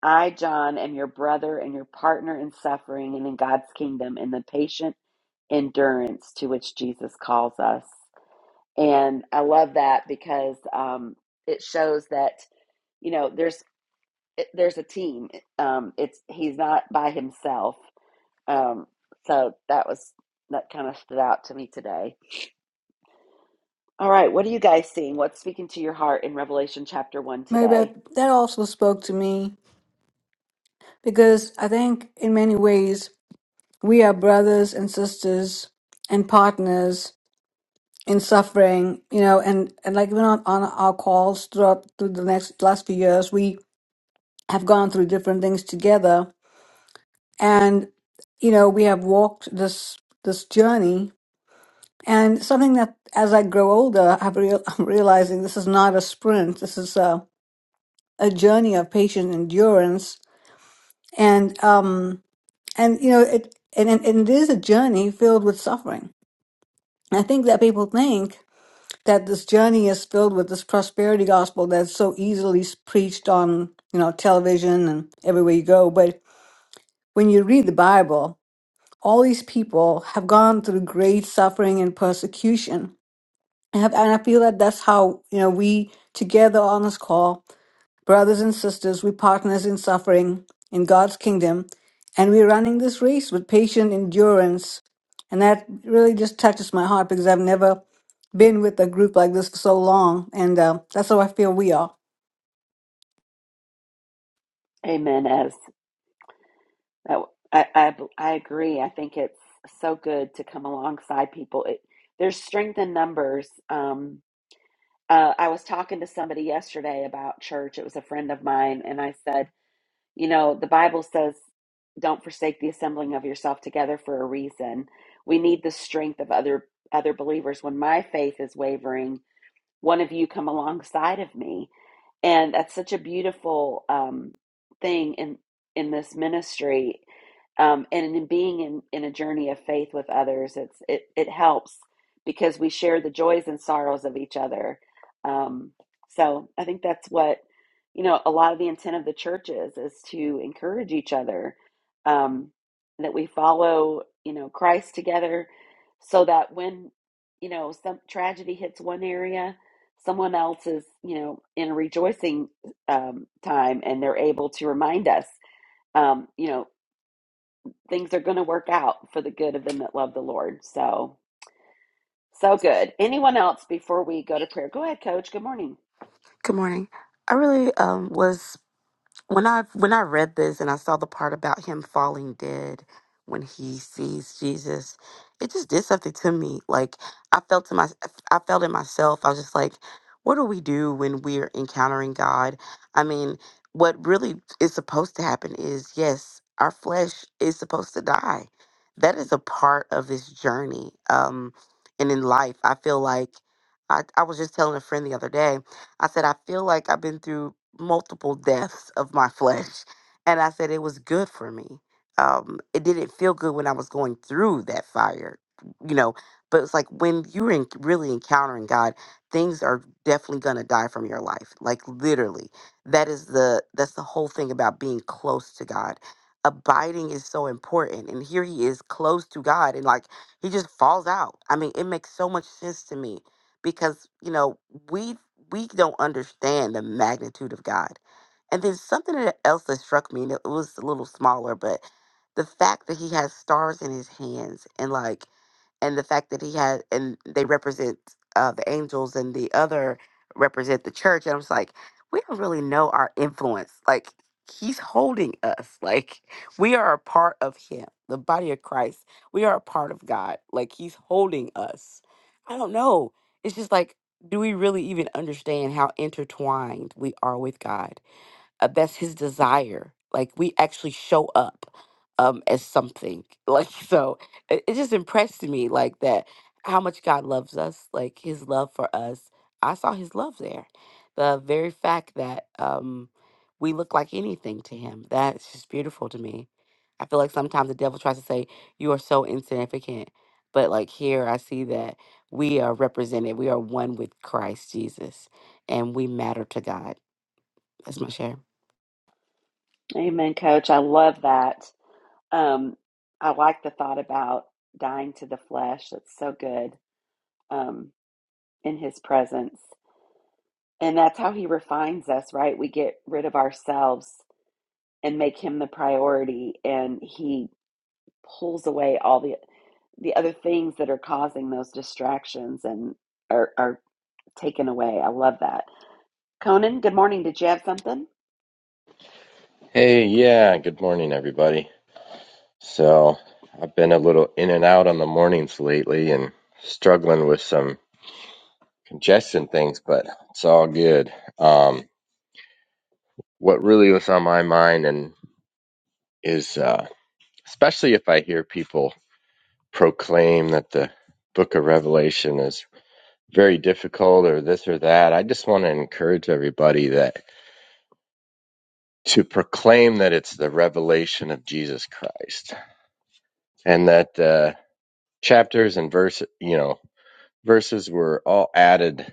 I, John, am your brother and your partner in suffering and in God's kingdom in the patient endurance to which Jesus calls us. And I love that because um, it shows that, you know, there's it, there's a team. Um, it's he's not by himself. Um, so that was that kind of stood out to me today. All right, what are you guys seeing? What's speaking to your heart in Revelation chapter one
Mary Beth,
today?
that also spoke to me because I think in many ways we are brothers and sisters and partners in suffering, you know, and, and like even on, on our calls throughout through the next last few years, we have gone through different things together. And, you know, we have walked this this journey. And something that as I grow older, I've real, I'm realizing this is not a sprint. This is a, a journey of patient endurance. And um, and you know it and, and and it is a journey filled with suffering And i think that people think that this journey is filled with this prosperity gospel that's so easily s- preached on you know television and everywhere you go but when you read the bible all these people have gone through great suffering and persecution and, have, and i feel that that's how you know we together on this call Brothers and sisters, we partners in suffering in God's kingdom, and we're running this race with patient endurance. And that really just touches my heart because I've never been with a group like this for so long, and uh, that's how I feel we are.
Amen. As I, I I agree. I think it's so good to come alongside people. It, there's strength in numbers. Um, uh, I was talking to somebody yesterday about church. It was a friend of mine, and I said. You know, the Bible says, don't forsake the assembling of yourself together for a reason. We need the strength of other other believers when my faith is wavering one of you come alongside of me and that's such a beautiful um, thing in in this ministry um, and in being in, in a journey of faith with others it's it, it helps because we share the joys and sorrows of each other um, so i think that's what you know a lot of the intent of the church is is to encourage each other um, that we follow you know christ together so that when you know some tragedy hits one area someone else is, you know, in a rejoicing um, time and they're able to remind us, um, you know, things are going to work out for the good of them that love the Lord. So, so good. Anyone else before we go to prayer? Go ahead, coach. Good morning.
Good morning. I really um, was when I when I read this and I saw the part about him falling dead when he sees Jesus, it just did something to me. Like I felt to my I felt it myself. I was just like, what do we do when we're encountering God? I mean, what really is supposed to happen is yes, our flesh is supposed to die. That is a part of this journey. Um, and in life, I feel like I, I was just telling a friend the other day. I said, I feel like I've been through multiple deaths of my flesh. And I said, it was good for me. Um, it didn't feel good when I was going through that fire, you know, but it's like when you're in, really encountering God, things are definitely going to die from your life. Like literally, that is the, that's the whole thing about being close to God. Abiding is so important. And here he is close to God and like he just falls out. I mean, it makes so much sense to me because, you know, we we don't understand the magnitude of God. And then something that- else that struck me, and it was a little smaller, but the fact that he has stars in his hands and like, and the fact that he had, and they represent uh, the angels and the other represent the church. And I was like, we don't really know our influence. Like, he's holding us. Like, we are a part of him, the body of Christ. We are a part of God. Like, he's holding us. I don't know. It's just like, do we really even understand how intertwined we are with God? uh, that's his desire like we actually show up um as something like so it, it just impressed me like that how much god loves us like his love for us i saw his love there the very fact that um we look like anything to him that's just beautiful to me i feel like sometimes the devil tries to say you are so insignificant but like here i see that we are represented we are one with christ jesus and we matter to god that's my share
Amen, coach. I love that. Um, I like the thought about dying to the flesh. That's so good um, in his presence. And that's how he refines us, right? We get rid of ourselves and make him the priority and he pulls away all the the other things that are causing those distractions and are, are taken away. I love that. Conan, good morning. Did you have something?
Hey, yeah, good morning, everybody. So, I've been a little in and out on the mornings lately and struggling with some congestion things, but it's all good. Um, what really was on my mind and is uh, especially if I hear people proclaim that the book of Revelation is very difficult or this or that, I just want to encourage everybody that to proclaim that it's the revelation of Jesus Christ and that uh chapters and verse you know verses were all added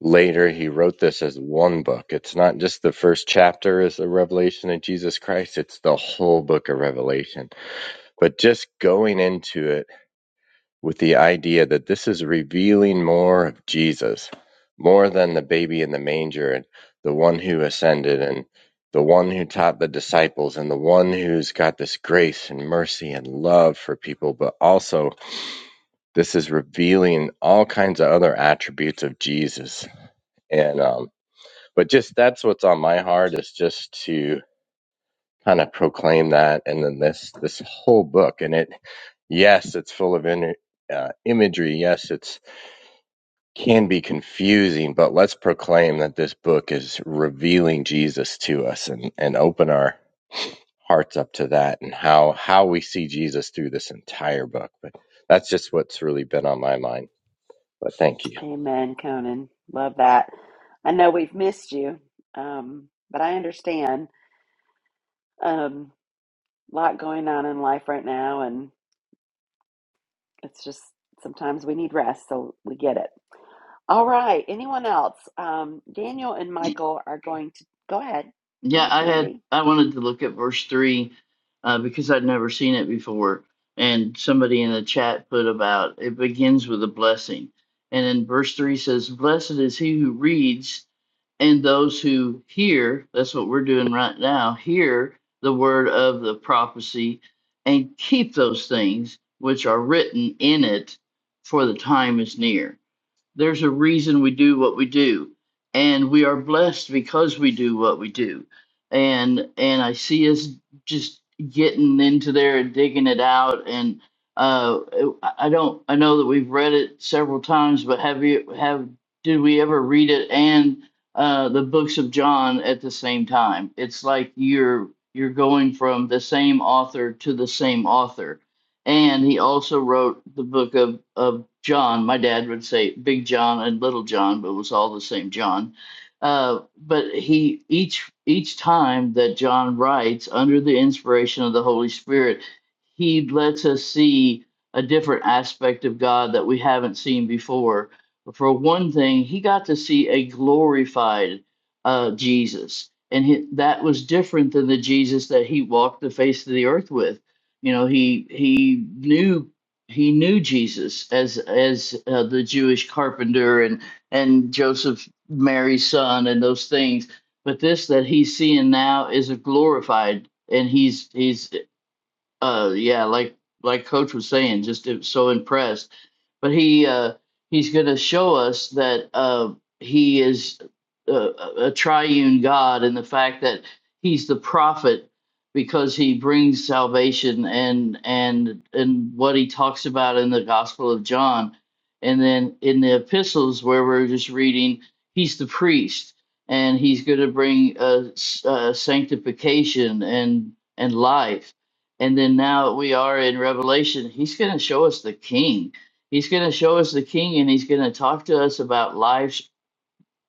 later. He wrote this as one book. It's not just the first chapter is the revelation of Jesus Christ, it's the whole book of Revelation. But just going into it with the idea that this is revealing more of Jesus, more than the baby in the manger and the one who ascended and the one who taught the disciples and the one who's got this grace and mercy and love for people, but also this is revealing all kinds of other attributes of Jesus. And, um, but just that's what's on my heart is just to kind of proclaim that. And then this, this whole book and it, yes, it's full of in, uh, imagery. Yes, it's can be confusing, but let's proclaim that this book is revealing Jesus to us and, and open our hearts up to that and how, how we see Jesus through this entire book. But that's just what's really been on my mind. But thank you.
Amen, Conan. Love that. I know we've missed you, um, but I understand. Um, a lot going on in life right now, and it's just sometimes we need rest, so we get it. All right. Anyone else? Um, Daniel and Michael are going to go ahead. Go
Yeah,
ahead,
I had
Candy.
I wanted to look at verse three uh, because I'd never seen it before, and somebody in the chat put about it begins with a blessing, and then verse three says, "Blessed is he who reads and those who hear." That's what we're doing right now. Hear the word of the prophecy, and keep those things which are written in it, for the time is near there's a reason we do what we do and we are blessed because we do what we do and and i see us just getting into there and digging it out and uh i I don't i know that we've read it several times but have you have did we ever read it and uh the books of john at the same time it's like you're you're going from the same author to the same author and he also wrote the book of, of John. My dad would say Big John and Little John, but it was all the same John. Uh, but he each each time that John writes under the inspiration of the Holy Spirit, he lets us see a different aspect of God that we haven't seen before. For one thing, he got to see a glorified uh, Jesus, and he, that was different than the Jesus that he walked the face of the earth with you know, he he knew he knew Jesus as as uh, the Jewish carpenter and and Joseph Mary's son and those things. But this that he's seeing now is a glorified, and he's he's uh yeah like like coach was saying just uh, so impressed but he uh he's going to show us that uh he is uh, a triune god and the fact that he's the prophet because he brings salvation and and and what he talks about in the gospel of John and then in the epistles where we're just reading he's the priest and he's going to bring uh, s- uh sanctification and and life and then now we are in revelation he's going to show us the king he's going to show us the king and he's going to talk to us about life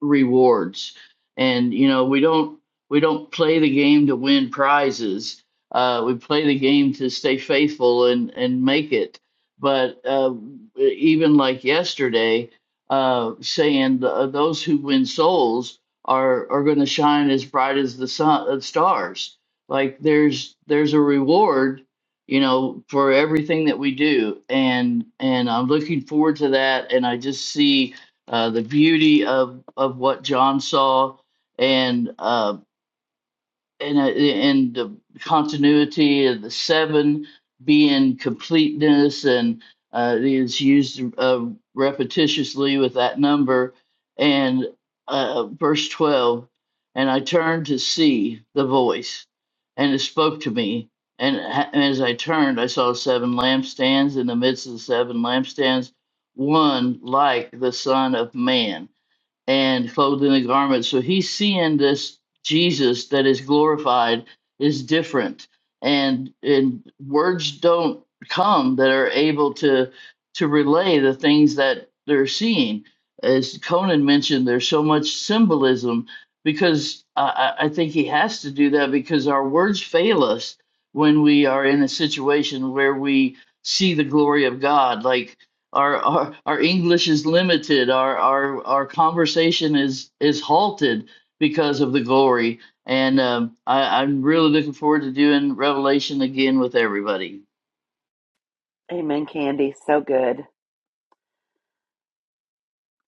rewards and you know we don't we don't play the game to win prizes uh we play the game to stay faithful and and make it but uh even like yesterday uh saying uh, those who win souls are are going to shine as bright as the sun uh, stars like there's there's a reward you know for everything that we do and and i'm looking forward to that and i just see uh, the beauty of of what John saw, and uh, and uh, and the continuity of the seven being completeness, and uh, it is used uh, repetitiously with that number, and uh, verse twelve. And I turned to see the voice, and it spoke to me. And ha- and as I turned, I saw seven lampstands. In the midst of the seven lampstands, one like the Son of Man and clothed in a garment. So he's seeing this Jesus that is glorified is different, and and words don't come that are able to to relay the things that they're seeing. As Conan mentioned, there's so much symbolism because I, I I think he has to do that because our words fail us when we are in a situation where we see the glory of God, like our our, our English is limited. Our, our our conversation is is halted because of the glory. And um, I, I'm really looking forward to doing Revelation again with everybody.
Amen, Candy. So good.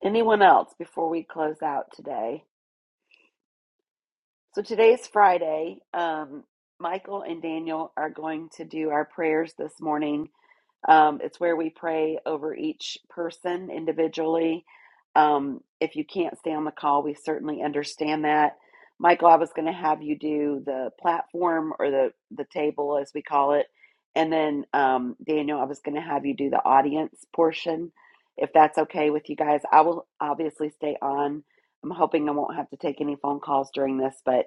Anyone else before we close out today? So today's Friday. Um, Michael and Daniel are going to do our prayers this morning. Um, it's where we pray over each person individually. Um, if you can't stay on the call, we certainly understand that. Michael, I was going to have you do the platform or the the table as we call it, and then um, Daniel, I was going to have you do the audience portion, if that's okay with you guys. I will obviously stay on. I'm hoping I won't have to take any phone calls during this, but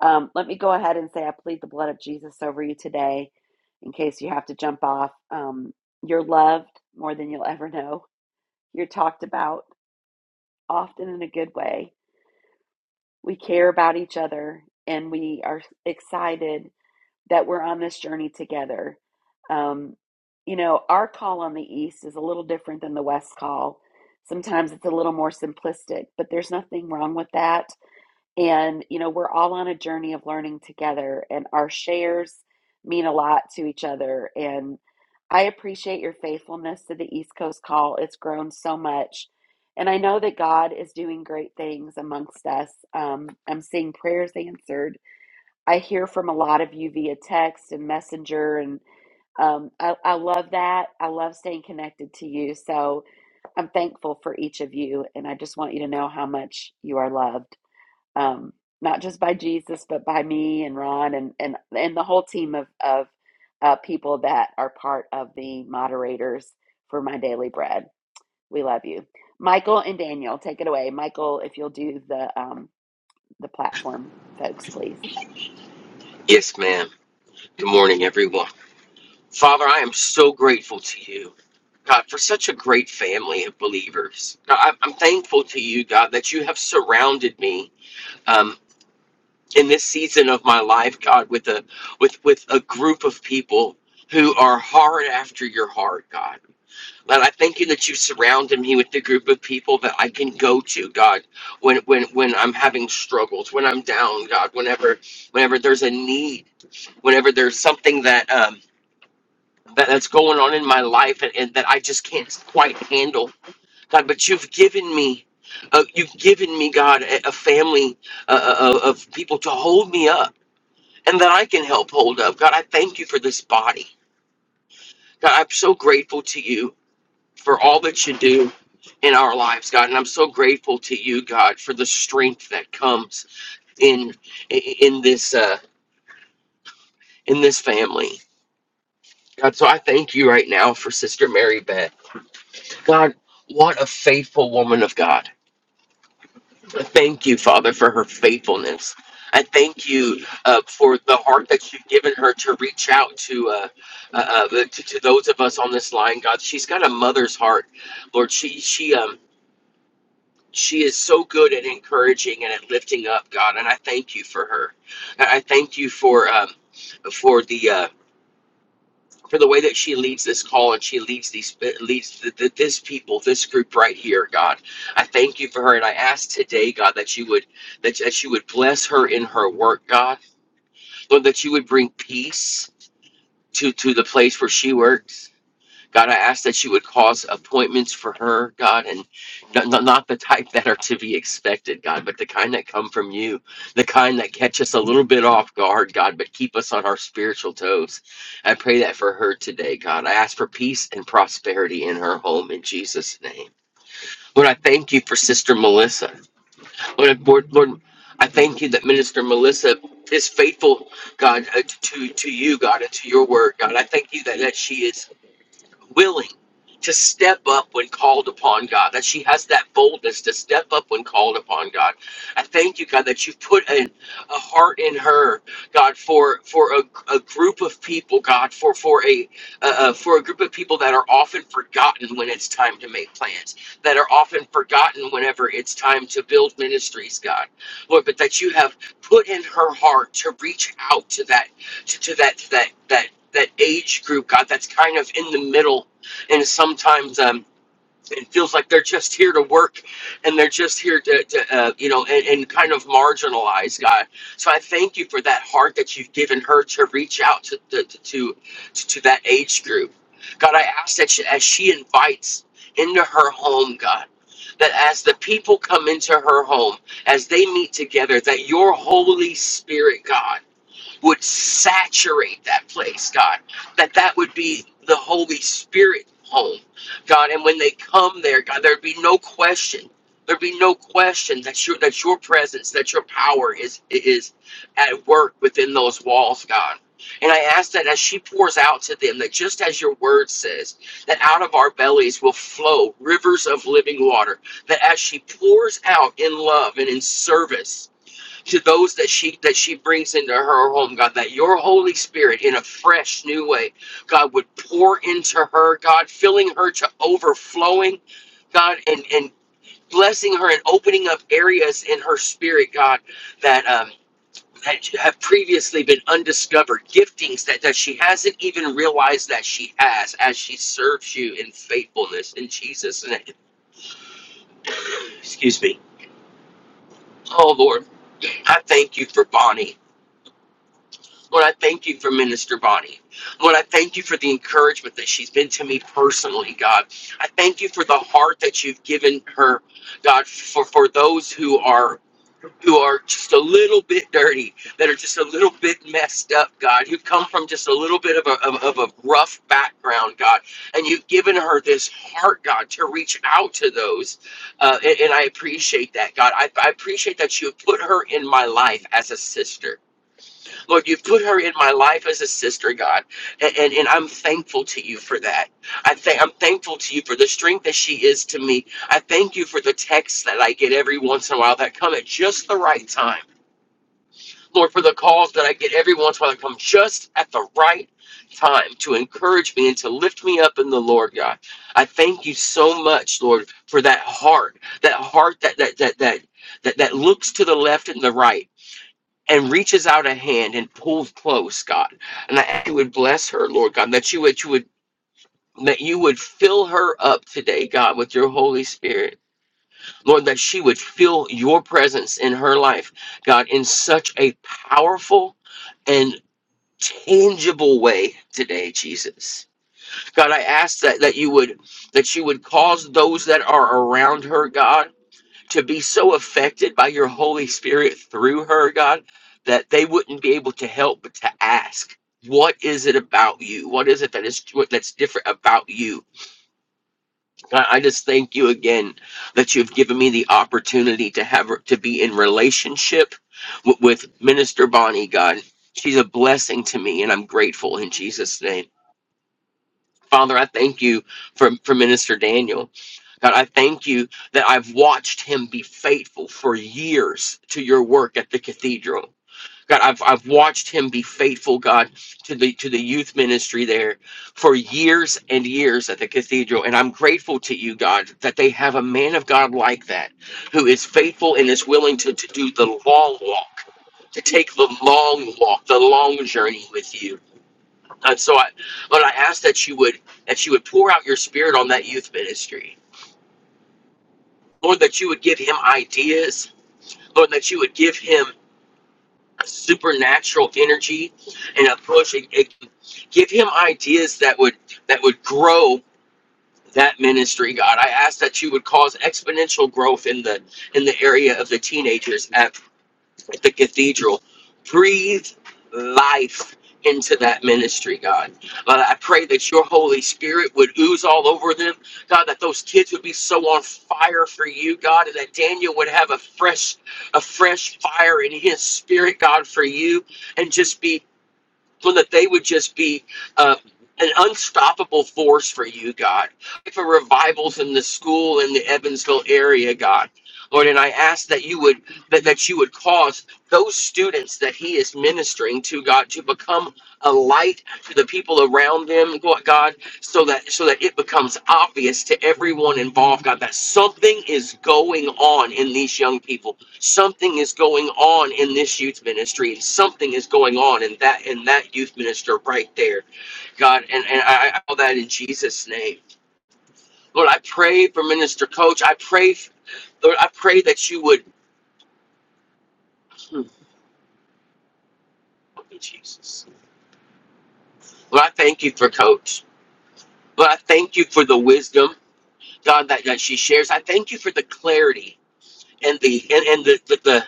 um, let me go ahead and say I plead the blood of Jesus over you today in case you have to jump off. Um, you're loved more than you'll ever know. You're talked about often in a good way. We care about each other and we are excited that we're on this journey together. Um, you know, our call on the East is a little different than the West call. Sometimes it's a little more simplistic, but there's nothing wrong with that and, you know, we're all on a journey of learning together, and our shares mean a lot to each other. And I appreciate your faithfulness to the East Coast call. It's grown so much. And I know that God is doing great things amongst us. Um, I'm seeing prayers answered. I hear from a lot of you via text and messenger, and um, I, I love that. I love staying connected to you. So I'm thankful for each of you, and I just want you to know how much you are loved um, not just by Jesus, but by me and Ron and and and the whole team of of uh, people that are part of the moderators for my daily bread. We love you, Michael and Daniel. Take it away, Michael. If you'll do the um, the platform, folks, please.
Yes, ma'am. Good morning, everyone. Father, I am so grateful to you, God, for such a great family of believers. God, I- I'm thankful to you, God, that you have surrounded me um, in this season of my life, God, with a with with a group of people who are hard after your heart, God. Lord, I thank you that you surrounded me with the group of people that I can go to, God, when when when I'm having struggles, when I'm down, God, whenever whenever there's a need, whenever there's something that um that, that's going on in my life and, and that I just can't quite handle. God, but you've given me, uh, you've given me, God, a, a family uh, uh, uh, of people to hold me up and that I can help hold up. God, I thank you for this body. God, I'm so grateful to you for all that you do in our lives, God, and I'm so grateful to you, God, for the strength that comes in in this uh, in this family. God, so I thank you right now for Sister Mary Beth. God, what a faithful woman of God. Thank you, Father, for her faithfulness. I thank you uh, for the heart that you've given her to reach out to, uh, uh, uh, to to those of us on this line. God, she's got a mother's heart, Lord. She she um she is so good at encouraging and at lifting up, God, and I thank you for her. I I thank you for um for the uh, for the way that she leads this call and she leads these leads th- th- this people this group right here god i thank you for her and i ask today god that you would that, that you would bless her in her work god lord that you would bring peace to to the place where she works God, I ask that you would cause appointments for her, God, and n- n- not the type that are to be expected, God, but the kind that come from you, the kind that catch us a little bit off guard, God, but keep us on our spiritual toes. I pray that for her today, God. I ask for peace and prosperity in her home in Jesus' name. Lord, I thank you for Sister Melissa. Lord, Lord, Lord I thank you that Minister Melissa is faithful, God, uh, to to you, God, and to your word, God. I thank you that, that she is willing to step up when called upon, God, that she has that boldness to step up when called upon, God. I thank you, God, that you've put in a heart in her, God, for for a, a group of people, God, for for a uh, uh, for a group of people that are often forgotten when it's time to make plans, that are often forgotten whenever it's time to build ministries, God, Lord, but that you have put in her heart to reach out to that to, to that to that that that age group, God, that's kind of in the middle, and sometimes um, it feels like they're just here to work, and they're just here to, to uh, you know, and, and kind of marginalize God. So I thank you for that heart that you've given her to reach out to to to, to, to that age group, God. I ask that she, as she invites into her home, God. That as the people come into her home, as they meet together, that your Holy Spirit, God, would saturate that place, God. That that would be the Holy Spirit home, God. And when they come there, God, there'd be no question. There'd be no question that your that your presence, that your power is is at work within those walls, God. And I ask that as she pours out to them, that just as your word says, that out of our bellies will flow rivers of living water, that as she pours out in love and in service, to those that she that she brings into her home, God, that your Holy Spirit in a fresh new way, God, would pour into her, God, filling her to overflowing, God, and and blessing her and opening up areas in her spirit, God, that um that have previously been undiscovered giftings that, that she hasn't even realized that she has as she serves you in faithfulness in Jesus' name. Oh Lord, I thank you for Bonnie. Lord, I thank you for Minister Bonnie. Lord, I thank you for the encouragement that she's been to me personally, God. I thank you for the heart that you've given her, God, for, for those who are who are just a little bit dirty, that are just a little bit messed up, God. Who come from just a little bit of a, of, of a rough background, God, and you've given her this heart, God, to reach out to those. Uh, and, and I appreciate that, God. I, I appreciate that you have put her in my life as a sister. Lord, you've put her in my life as a sister, God, and, and, and I'm thankful to you for that. I thank I'm thankful to you for the strength that she is to me. I thank you for the texts that I get every once in a while that come at just the right time. Lord, for the calls that I get every once in a while that come just at the right time to encourage me and to lift me up in the Lord God. I thank you so much, Lord, for that heart, that heart that that that that that, that looks to the left and the right and reaches out a hand and pulls close, God. And I ask you would bless her, Lord God, that you would you would that you would fill her up today, God, with your Holy Spirit. Lord, that she would feel your presence in her life, God, in such a powerful and tangible way today, Jesus. God, I ask that, that you would that you would cause those that are around her, God to be so affected by your Holy Spirit through her, God, that they wouldn't be able to help but to ask, "What is it about you? What is it that is what that's different about you?" I, I just thank you again that you've given me the opportunity to have to be in relationship w- with Minister Bonnie, God. She's a blessing to me, and I'm grateful in Jesus' name. Father, I thank you for, for Minister Daniel. God, I thank you that I've watched him be faithful for years to your work at the cathedral. God, I've, I've watched him be faithful, God, to the to the youth ministry there for years and years at the cathedral. And I'm grateful to you, God, that they have a man of God like that who is faithful and is willing to, to do the long walk, to take the long walk, the long journey with you. And so I, Lord, I ask that you would that you would pour out your spirit on that youth ministry. Lord, that you would give him ideas. Lord, that you would give him supernatural energy and a push. And, and give him ideas that would that would grow that ministry, God. I ask that you would cause exponential growth in the in the area of the teenagers at. at the cathedral. Breathe life into that ministry, God. Lord, I pray that your Holy Spirit would ooze all over them. God, that those kids would be so on fire for you, God, and that Daniel would have a fresh, a fresh fire in his spirit, God, for you, and just be so that they would just be uh, an unstoppable force for you, God. For revivals in the school in the Evansville area, God. Lord, and I ask that you would that, that you would cause those students that he is ministering to, God, to become a light to the people around them, God so that so that it becomes obvious to everyone involved god that something is going on in these young people something is going on in this youth ministry and something is going on in that in that youth minister right there god and, and i I call that in jesus name lord i pray for minister coach i pray f- lord i pray that you would hmm, help me, jesus lord i thank you for coach lord i thank you for the wisdom god that, that she shares i thank you for the clarity and the and, and the, the the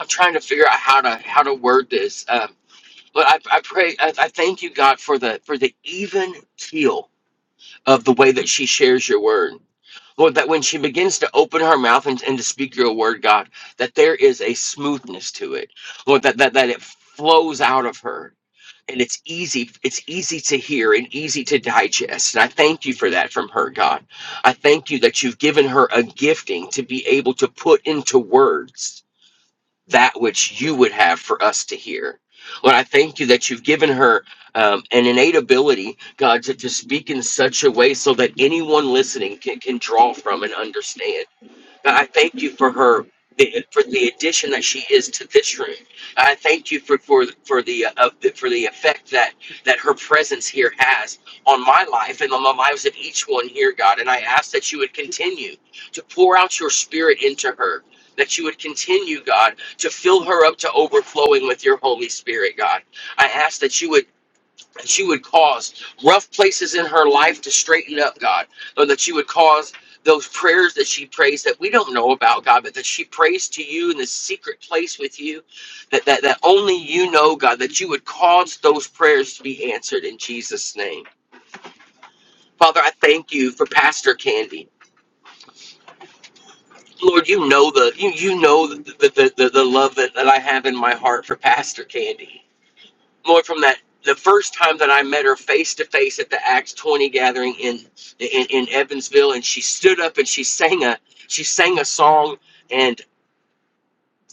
I'm trying to figure out how to how to word this. Um, but I, I pray I, I thank you God for the for the even keel of the way that she shares your word. Lord, that when she begins to open her mouth and, and to speak your word, God, that there is a smoothness to it. Lord, that that, that it flows out of her and it's easy it's easy to hear and easy to digest and i thank you for that from her god i thank you that you've given her a gifting to be able to put into words that which you would have for us to hear lord i thank you that you've given her um, an innate ability god to, to speak in such a way so that anyone listening can, can draw from and understand God, I thank you for her, the, for the addition that she is to this room. I thank you for for for the uh, of the, for the effect that that her presence here has on my life and on the lives of each one here, God. And I ask that you would continue to pour out your Spirit into her. That you would continue, God, to fill her up to overflowing with your Holy Spirit, God. I ask that you would that you would cause rough places in her life to straighten up, God. Lord, that you would cause those prayers that she prays that we don't know about, God, but that she prays to you in the secret place with you, that, that, that only you know, God, that you would cause those prayers to be answered in Jesus' name. Father, I thank you for Pastor Candy. Lord, you know the you you know the the, the, the love that, that I have in my heart for Pastor Candy. more from that the first time that I met her face to face at the Acts 20 gathering in, in in Evansville and she stood up and she sang a she sang a song and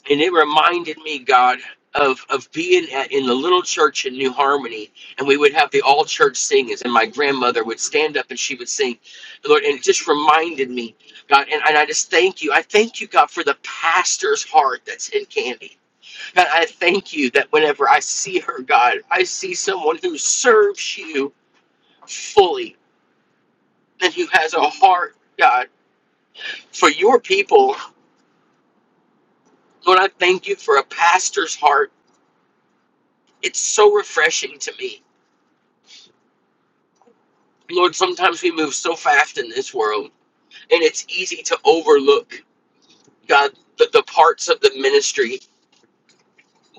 and it reminded me God of of being at in the little church in New Harmony and we would have the all church singers and my grandmother would stand up and she would sing Lord and it just reminded me God and, and I just thank you I thank you God for the pastor's heart that's in Candy God, I thank you that whenever I see her, God, I see someone who serves you fully and who has a heart, God, for your people. Lord, I thank you for a pastor's heart. It's so refreshing to me. Lord, sometimes we move so fast in this world, and it's easy to overlook, God, the, the parts of the ministry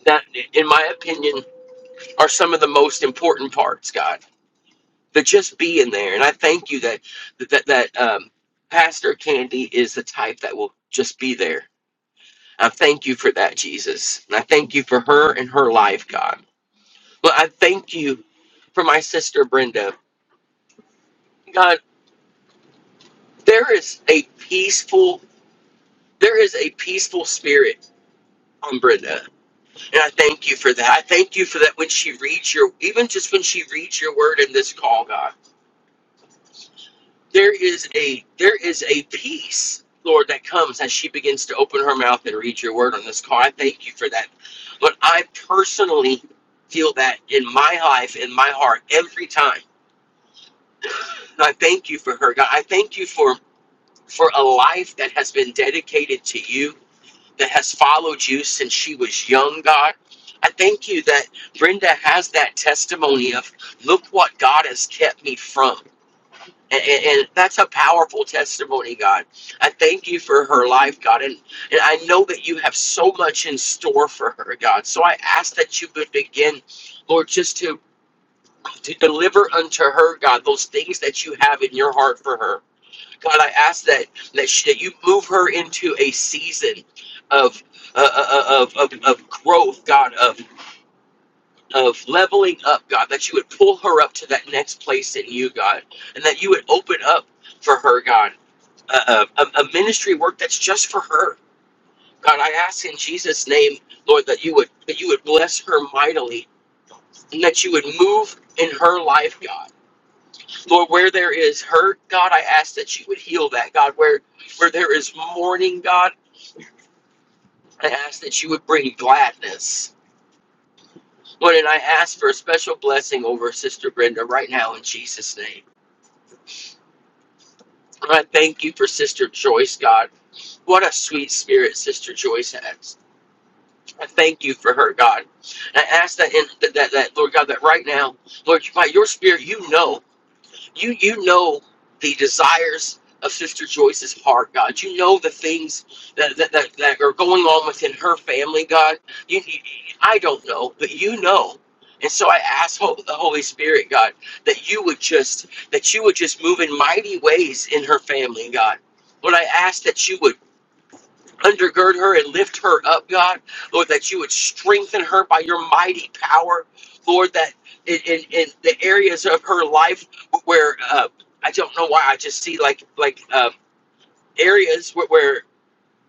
that, in my opinion, are some of the most important parts, God. but just be in there. And I thank you that that that um, Pastor Candy is the type that will just be there. I thank you for that, Jesus, and I thank you for her and her life, God. But I thank you for my sister Brenda. God, there is a peaceful, there is a peaceful spirit on Brenda, and I thank you for that. I thank you for that when she reads your, even just when she reads your word in this call, God. there is a there is a peace lord that comes as she begins to open her mouth and read your word on this call i thank you for that but i personally feel that in my life in my heart every time and i thank you for her god i thank you for for a life that has been dedicated to you that has followed you since she was young god I thank you that Brenda has that testimony of look what God has kept me from. And, and, and that's a powerful testimony, God. I thank you for her life, God. And, and I know that you have so much in store for her, God. So I ask that you would begin, Lord, just to, to deliver unto her, God, those things that you have in your heart for her. God, I ask that that, she, that you move her into a season of, uh, uh, uh, of, of, of growth, God, of, of leveling up, God, that you would pull her up to that next place in you, God, and that you would open up for her, God a, a, a ministry work that's just for her. God, I ask in Jesus' name, Lord, that you would that you would bless her mightily and that you would move in her life, God. Lord, where there is hurt, God, I ask that you would heal that. God, where where there is mourning, God, I ask that you would bring gladness. Lord, and I ask for a special blessing over Sister Brenda right now in Jesus' name. And I thank you for Sister Joyce, God. What a sweet spirit Sister Joyce had. I thank you for her, God. I ask that in that, that, that Lord God, that right now, Lord, by your spirit, you know, you you know the desires of Sister Joyce's heart, God. You know the things that that, that, that are going on within her family, God. You, you- I don't know, but you know. And so I ask Ho- the Holy Spirit, God, that you would just that you would just move in mighty ways in her family, God. Lord, I ask that you would undergird her and lift her up, God. Lord, that you would strengthen her by your mighty power. Lord, that in, in, in the areas of her life where uh, I don't know why I just see like like um areas where, where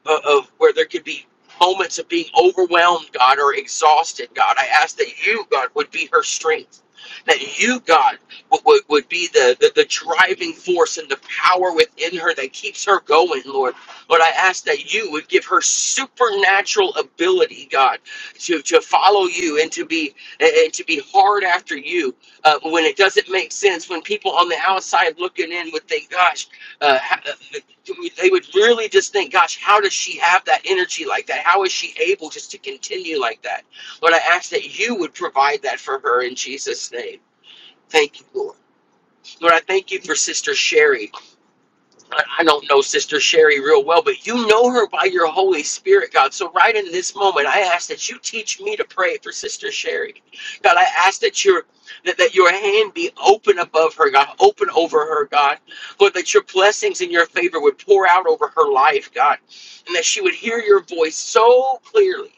of, of where there could be moments of being overwhelmed, God, or exhausted, God. I ask that you, God, would be her strength. That you, God, would, would, would be the, the, the driving force and the power within her that keeps her going, Lord. Lord, I ask that you would give her supernatural ability, God, to, to follow you and to be and and to be hard after you uh, when it doesn't make sense, when people on the outside looking in would think, gosh, uh, they would really just think, gosh, how does she have that energy like that? How is she able just to continue like that? Lord, I ask that you would provide that for her in Jesus' name. Thank you, Lord. Lord, I thank you for Sister Sherry. I don't know Sister Sherry real well, but you know her by your Holy Spirit, God. So, right in this moment, I ask that you teach me to pray for Sister Sherry. God, I ask that your that, that your hand be open above her, God, open over her, God. Lord, that your blessings and your favor would pour out over her life, God, and that she would hear your voice so clearly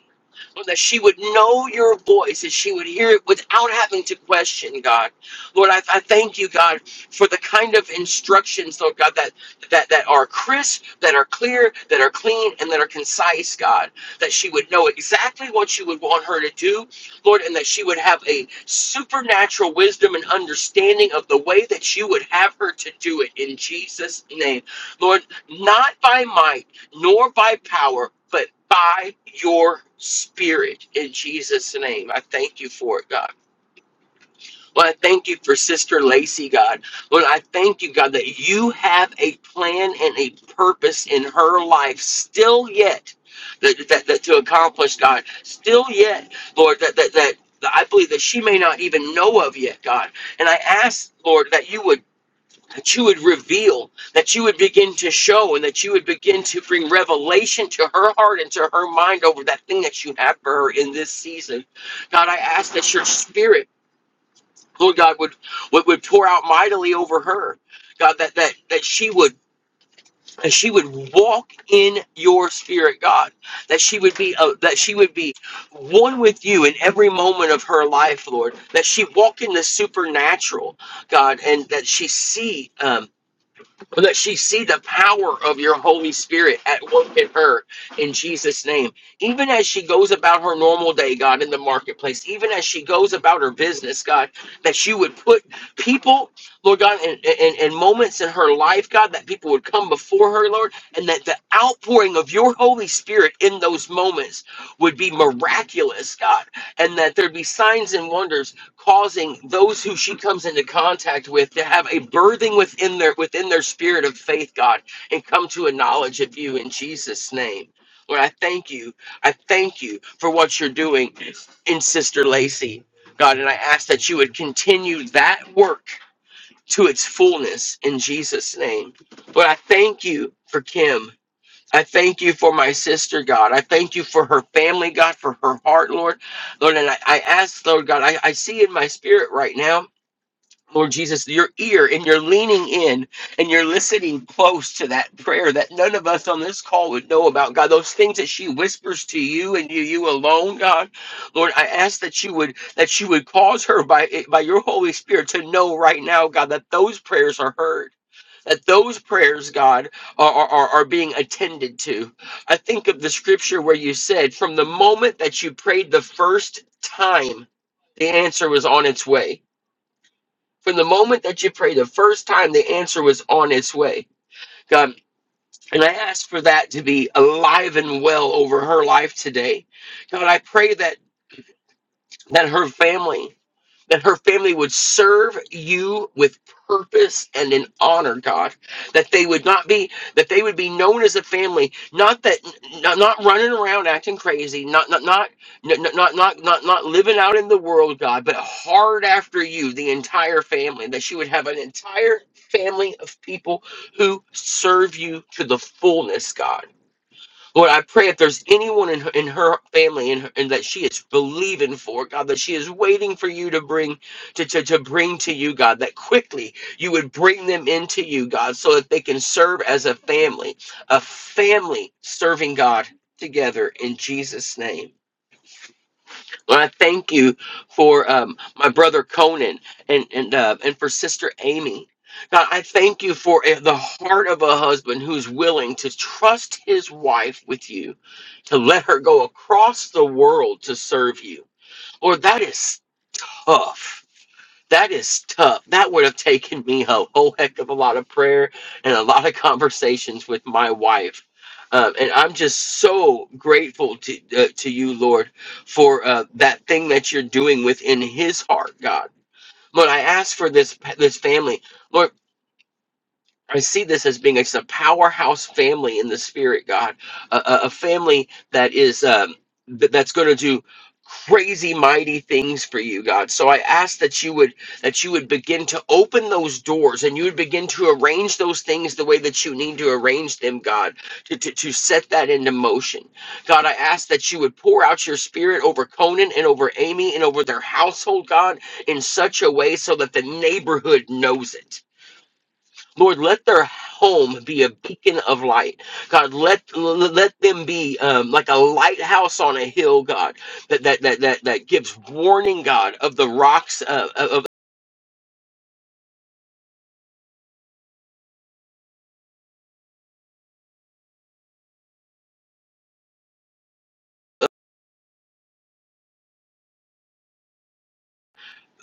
Lord, that she would know your voice, that she would hear it without having to question, God. Lord, I, I thank you, God, for the kind of instructions, Lord God, that, that, that are crisp, that are clear, that are clean, and that are concise, God. That she would know exactly what you would want her to do, Lord, and that she would have a supernatural wisdom and understanding of the way that you would have her to do it in Jesus' name. Lord, not by might nor by power, but by your spirit in Jesus' name. I thank you for it, God. Lord, I thank you for Sister Lacey, God. Lord, I thank you, God, that you have a plan and a purpose in her life still yet that, that, that to accomplish, God. Still yet, Lord, that, that, that that I believe that she may not even know of yet, God. And I ask, Lord, that you would that you would reveal, that you would begin to show, and that you would begin to bring revelation to her heart and to her mind over that thing that you have for her in this season. God, I ask that your spirit, Lord God, would would, would pour out mightily over her. God, that that that she would that she would walk in your spirit, God. That she would be uh, that she would be one with you in every moment of her life, Lord. That she walk in the supernatural, God, and that she see. Um, but that she see the power of your Holy Spirit at work in her in Jesus' name. Even as she goes about her normal day, God, in the marketplace, even as she goes about her business, God, that you would put people, Lord God, in, in, in moments in her life, God, that people would come before her, Lord, and that the outpouring of your Holy Spirit in those moments would be miraculous, God, and that there'd be signs and wonders causing those who she comes into contact with to have a birthing within their within their spirit of faith god and come to a knowledge of you in jesus name lord i thank you i thank you for what you're doing in sister lacey god and i ask that you would continue that work to its fullness in jesus name lord i thank you for kim I thank you for my sister, God. I thank you for her family, God, for her heart, Lord. Lord, and I, I ask, Lord God, I, I see in my spirit right now, Lord Jesus, your ear and you're leaning in and you're listening close to that prayer that none of us on this call would know about, God. Those things that she whispers to you and you, you alone, God. Lord, I ask that you would that you would cause her by by your Holy Spirit to know right now, God, that those prayers are heard that those prayers, God, are, are, are being attended to. I think of the scripture where you said, from the moment that you prayed the first time, the answer was on its way. From the moment that you prayed the first time, the answer was on its way. God, and I ask for that to be alive and well over her life today. God, I pray that that her family that her family would serve you with purpose and in honor god that they would not be that they would be known as a family not that not, not running around acting crazy not not not not not not not not living out in the world god but hard after you the entire family that she would have an entire family of people who serve you to the fullness god Lord, I pray if there's anyone in her, in her family and, her, and that she is believing for, God, that she is waiting for you to bring to, to, to bring to you, God, that quickly you would bring them into you, God, so that they can serve as a family, a family serving God together in Jesus' name. Lord, I thank you for um, my brother Conan and and uh, and for Sister Amy. God, I thank you for uh, the heart of a husband who's willing to trust his wife with you, to let her go across the world to serve you. Lord, that is tough. That is tough. That would have taken me a whole heck of a lot of prayer and a lot of conversations with my wife. Um, and I'm just so grateful to uh, to you, Lord, for uh, that thing that you're doing within His heart, God. Lord, I ask for this this family, Lord. I see this as being it's a powerhouse family in the spirit, God, a, a, a family that is um, th- that's going to do crazy mighty things for you god so i ask that you would that you would begin to open those doors and you would begin to arrange those things the way that you need to arrange them god to, to, to set that into motion god i ask that you would pour out your spirit over conan and over amy and over their household god in such a way so that the neighborhood knows it Lord, let their home be a beacon of light. God, let let them be um, like a lighthouse on a hill, God, that that that that, that gives warning, God, of the rocks uh, of. of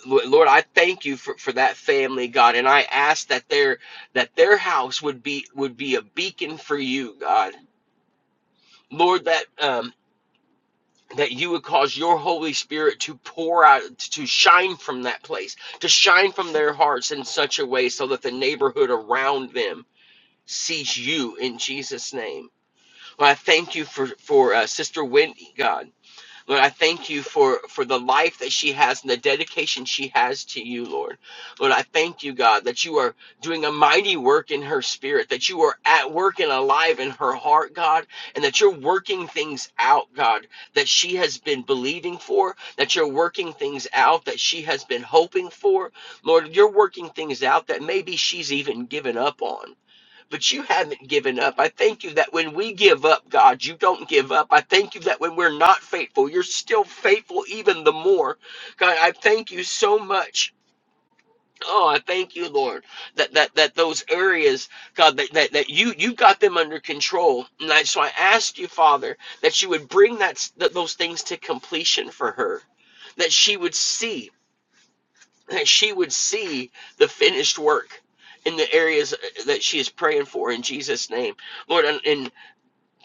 Lord, I thank you for, for that family, God, and I ask that their that their house would be would be a beacon for you, God. Lord, that um, that you would cause your Holy Spirit to pour out to shine from that place, to shine from their hearts in such a way so that the neighborhood around them sees you in Jesus' name. Lord, I thank you for for uh, Sister Wendy, God. Lord, I thank you for for the life that she has and the dedication she has to you, Lord. Lord, I thank you, God, that you are doing a mighty work in her spirit, that you are at work and alive in her heart, God, and that you're working things out, God, that she has been believing for, that you're working things out that she has been hoping for. Lord, you're working things out that maybe she's even given up on but you haven't given up. I thank you that when we give up, God, you don't give up. I thank you that when we're not faithful, you're still faithful even the more. God, I thank you so much. Oh, I thank you, Lord, that that that those areas, God, that, that that you you got them under control. And I, so I ask you, Father, that you would bring that, that those things to completion for her, that she would see that she would see the finished work in the areas that she is praying for in Jesus' name. Lord, and, and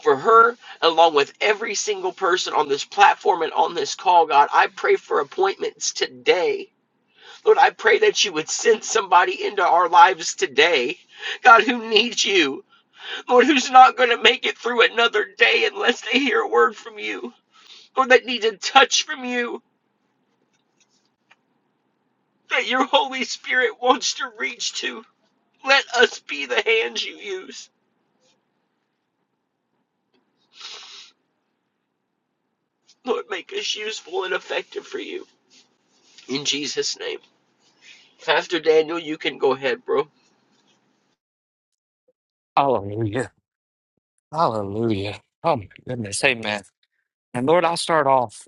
for her, along with every single person on this platform and on this call, God, I pray for appointments today. Lord, I pray that you would send somebody into our lives today. God, who needs you? Lord, who's not going to make it through another day unless they hear a word from you? Lord, that needs a touch from you that your Holy Spirit wants to reach to. Let us be the hands you use. Lord, make us useful and effective for you. In Jesus' name. Pastor Daniel, you can go ahead, bro.
Hallelujah. Hallelujah. Oh my goodness. Amen. And Lord, I'll start off.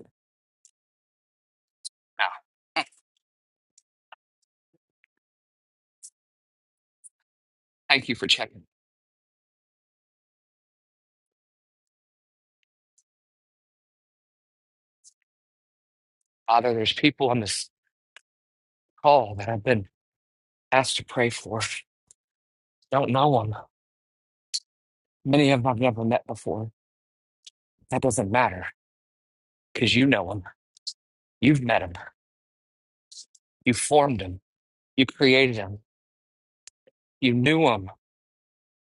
Thank you for checking. Father, there's people on this call that I've been asked to pray for. Don't know them. Many of them I've never met before. That doesn't matter because you know them. You've met them. You formed them. You created them. You knew them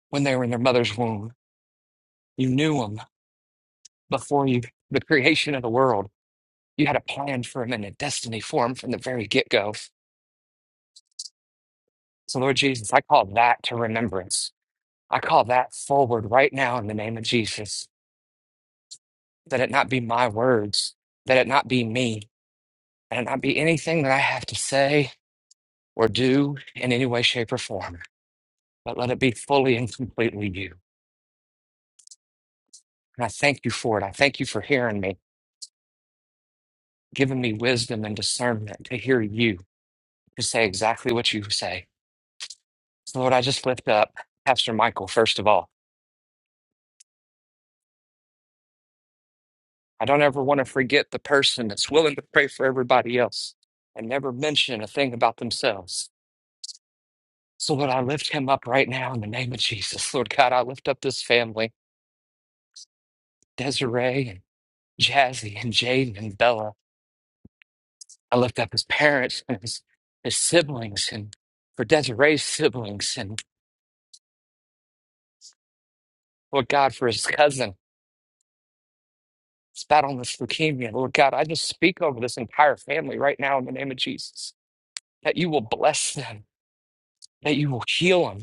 when they were in their mother's womb. You knew them before you, the creation of the world. You had a plan for them and a destiny for them from the very get go. So, Lord Jesus, I call that to remembrance. I call that forward right now in the name of Jesus that it not be my words, that it not be me, and it not be anything that I have to say or do in any way, shape, or form, but let it be fully and completely you. And I thank you for it. I thank you for hearing me, giving me wisdom and discernment to hear you, to say exactly what you say. So, Lord, I just lift up Pastor Michael, first of all. I don't ever want to forget the person that's willing to pray for everybody else and never mention a thing about themselves. So, Lord, I lift him up right now in the name of Jesus. Lord God, I lift up this family, Desiree and Jazzy and Jaden and Bella. I lift up his parents and his, his siblings and for Desiree's siblings and Lord God, for his cousin, his battle with leukemia. Lord God, I just speak over this entire family right now in the name of Jesus that you will bless them, that you will heal them,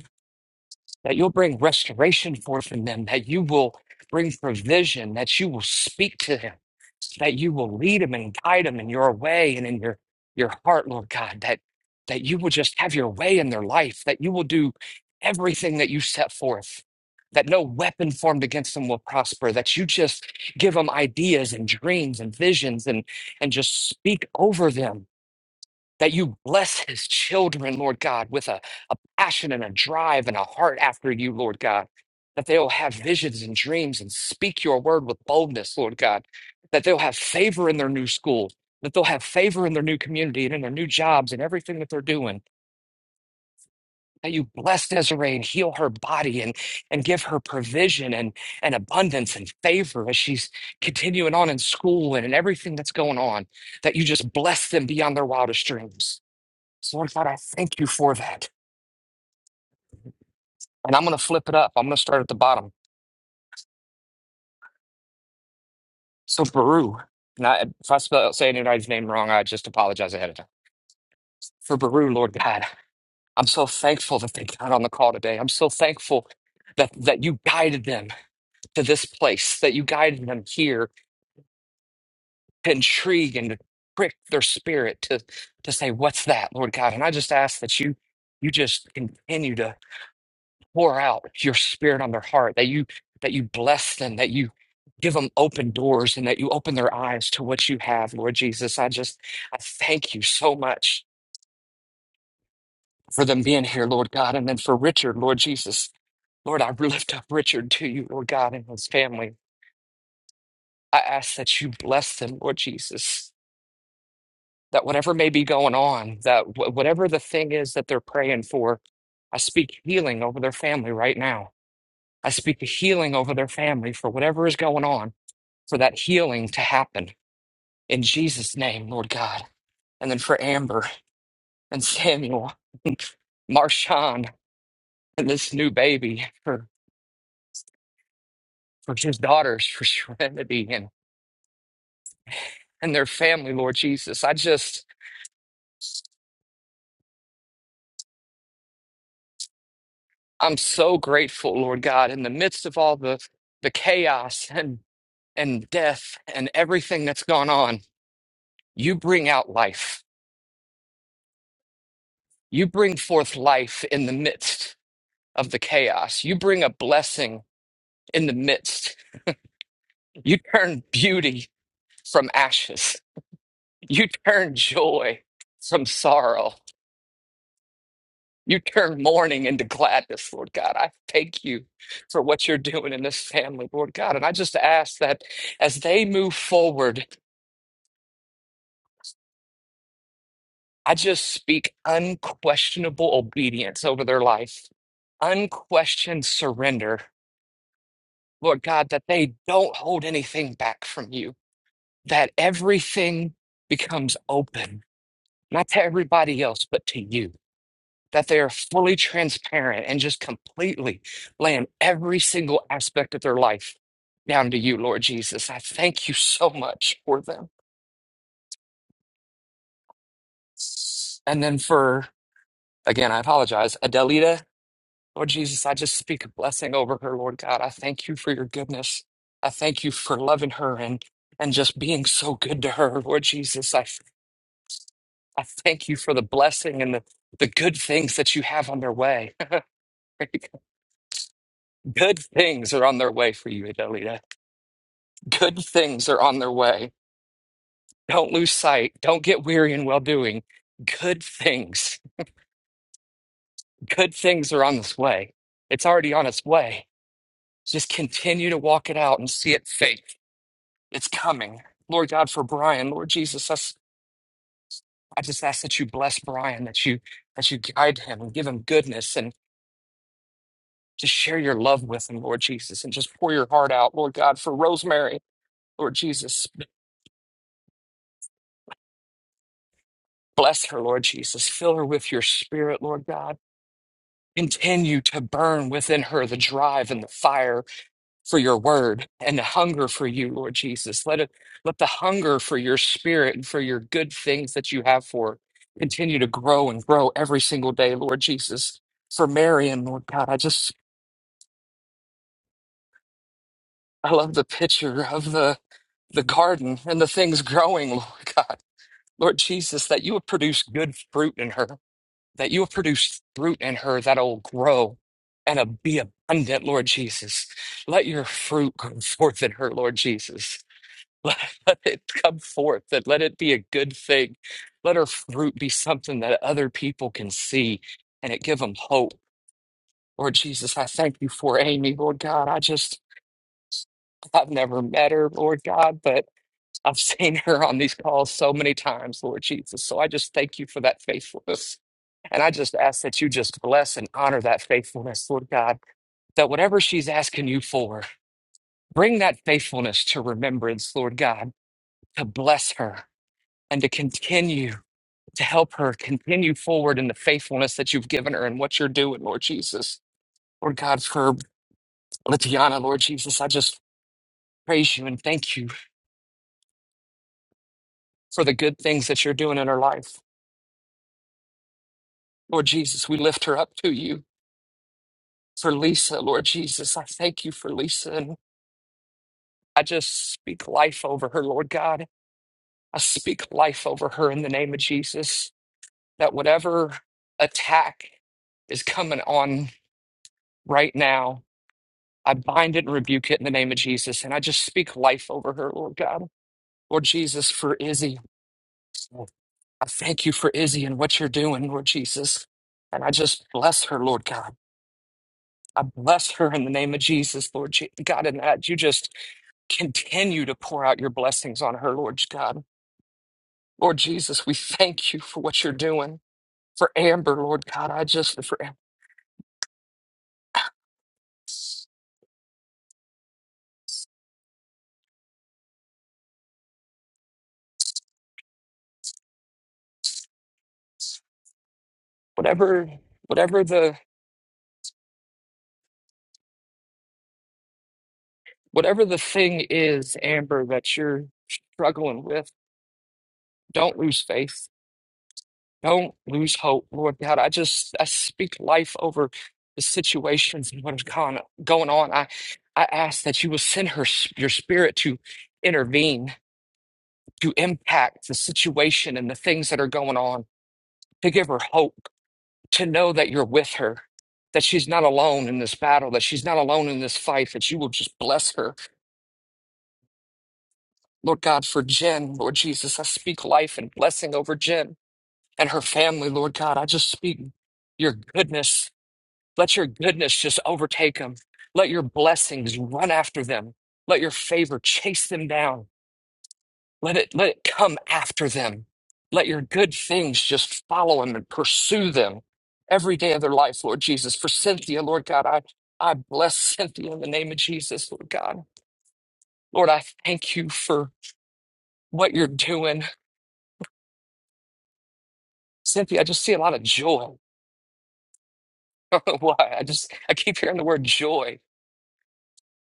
that you'll bring restoration forth in them, that you will bring provision, that you will speak to them, that you will lead them and guide them in your way and in your, your heart, Lord God, that, that you will just have your way in their life, that you will do everything that you set forth, that no weapon formed against them will prosper, that you just give them ideas and dreams and visions and, and just speak over them that you bless his children, Lord God, with a, a passion and a drive and a heart after you, Lord God, that they'll have visions and dreams and speak your word with boldness, Lord God, that they'll have favor in their new school, that they'll have favor in their new community and in their new jobs and everything that they're doing. That you bless Desiree and heal her body and, and give her provision and, and abundance and favor as she's continuing on in school and in everything that's going on. That you just bless them beyond their wildest dreams so Lord God, I thank you for that. And I'm going to flip it up. I'm going to start at the bottom. So Baru, and I, if I spell, say anybody's name wrong, I just apologize ahead of time. For Baru, Lord God, I'm so thankful that they got on the call today. I'm so thankful that that you guided them to this place, that you guided them here to intrigue and to prick their spirit to to say, "What's that, Lord God?" And I just ask that you you just continue to. pour out your spirit on their heart, that you that you bless them, that you give them open doors and that you open their eyes to what you have, Lord Jesus. I just I thank you so much for them being here, Lord God, and then for Richard, Lord Jesus. Lord, I lift up Richard to you, Lord God, and his family. I ask that you bless them, Lord Jesus, that whatever may be going on, that wh- whatever the thing is that they're praying for, I speak healing over their family right now. I speak healing over their family for whatever is going on. for that healing to happen in Jesus' name, Lord God. And then for Amber and Samuel and Marshawn and this new baby for, for his daughters, for Serenity and, and their family, Lord Jesus. I just, I'm so grateful, Lord God, in the midst of all the, the chaos and, and death and everything that's gone on, you bring out life. You bring forth life in the midst of the chaos. You bring a blessing in the midst You turn beauty from ashes. You turn joy from sorrow. You turn mourning into gladness, Lord God. I thank you for what you're doing in this family, Lord God. And I just ask that as they move forward, I just speak unquestionable obedience over their life, unquestioned surrender, Lord God, that they don't hold anything back from you, that everything becomes open, not to everybody else, but to you. that they are fully transparent and just completely laying every single aspect of their life down to you, Lord Jesus. I thank you so much for them. And then for, again, I apologize, Adelita, Lord Jesus, I just speak a blessing over her, Lord God. I thank you for your goodness. I thank you for loving her and and just being so good to her, Lord Jesus. I I thank you for the blessing and the, the good things that you have on their way. good things are on their way for you, Adelita. Good things are on their way. Don't lose sight. Don't get weary in well doing. Good things, good things are on this way. It's already on its way. Just continue to walk it out and see it faith. It's coming. Lord God, for Brian, Lord Jesus, us, I just ask that you bless Brian, that you that you guide him and give him goodness and just share your love with him, Lord Jesus, and just pour your heart out, Lord God, for Rosemary, Lord Jesus. Bless her, Lord Jesus. Fill her with your spirit, Lord God. Continue to burn within her the drive and the fire for your word and the hunger for you, Lord Jesus. Let it let the hunger for your spirit and for your good things that you have for her continue to grow and grow every single day, Lord Jesus. For Marion, Lord God, I just I love the picture of the the garden and the things growing, Lord God. Lord Jesus, that you would produce good fruit in her. that you'll produce fruit in her that'll grow and uh, be abundant, Lord Jesus. Let your fruit come forth in her, Lord Jesus. Let, let it come forth and let it be a good thing. Let her fruit be something that other people can see and it give them hope. Lord Jesus, I thank you for Amy, Lord God. I just, I've never met her, Lord God, but I've seen her on these calls so many times, Lord Jesus. So I just thank you for that faithfulness. And I just ask that you just bless and honor that faithfulness, Lord God, that whatever she's asking you for, bring that faithfulness to remembrance, Lord God, to bless her and to continue to help her continue forward in the faithfulness that you've given her and what you're doing, Lord Jesus. Lord God, for Latiana, Lord Jesus, I just praise you and thank you for the good things that you're doing in her life. Lord Jesus, we lift her up to you. For Lisa, Lord Jesus, I thank you for Lisa and I just speak life over her, Lord God. I speak life over her in the name of Jesus, that whatever attack is coming on right now, I bind it and rebuke it in the name of Jesus. And I just speak life over her, Lord God. Lord Jesus, for Izzy. I thank you for Izzy and what you're doing, Lord Jesus. And I just bless her, Lord God. I bless her in the name of Jesus, Lord Je- God, and that you just continue to pour out your blessings on her, Lord God. Lord Jesus, we thank you for what you're doing. for Amber, Lord God, I just for Am- whatever whatever the whatever the thing is, Amber, that you're struggling with, don't lose faith. Don't lose hope, Lord God. I just I speak life over the situations and what is going going on. I I ask that you will send her s- your spirit to intervene, to impact the situation and the things that are going on, to give her hope to know that you're with her, that she's not alone in this battle, that she's not alone in this fight, that you will just bless her. Lord God, for Jen, Lord Jesus, I speak life and blessing over Jen and her family, Lord God. I just speak your goodness. Let your goodness just overtake them. Let your blessings run after them. Let your favor chase them down. Let it let it come after them. Let your good things just follow them and pursue them every day of their life, Lord Jesus. For Cynthia, Lord God, I, I bless Cynthia in the name of Jesus, Lord God. Lord, I thank you for what you're doing. Cynthia, I just see a lot of joy. I don't know why. I just I keep hearing the word joy.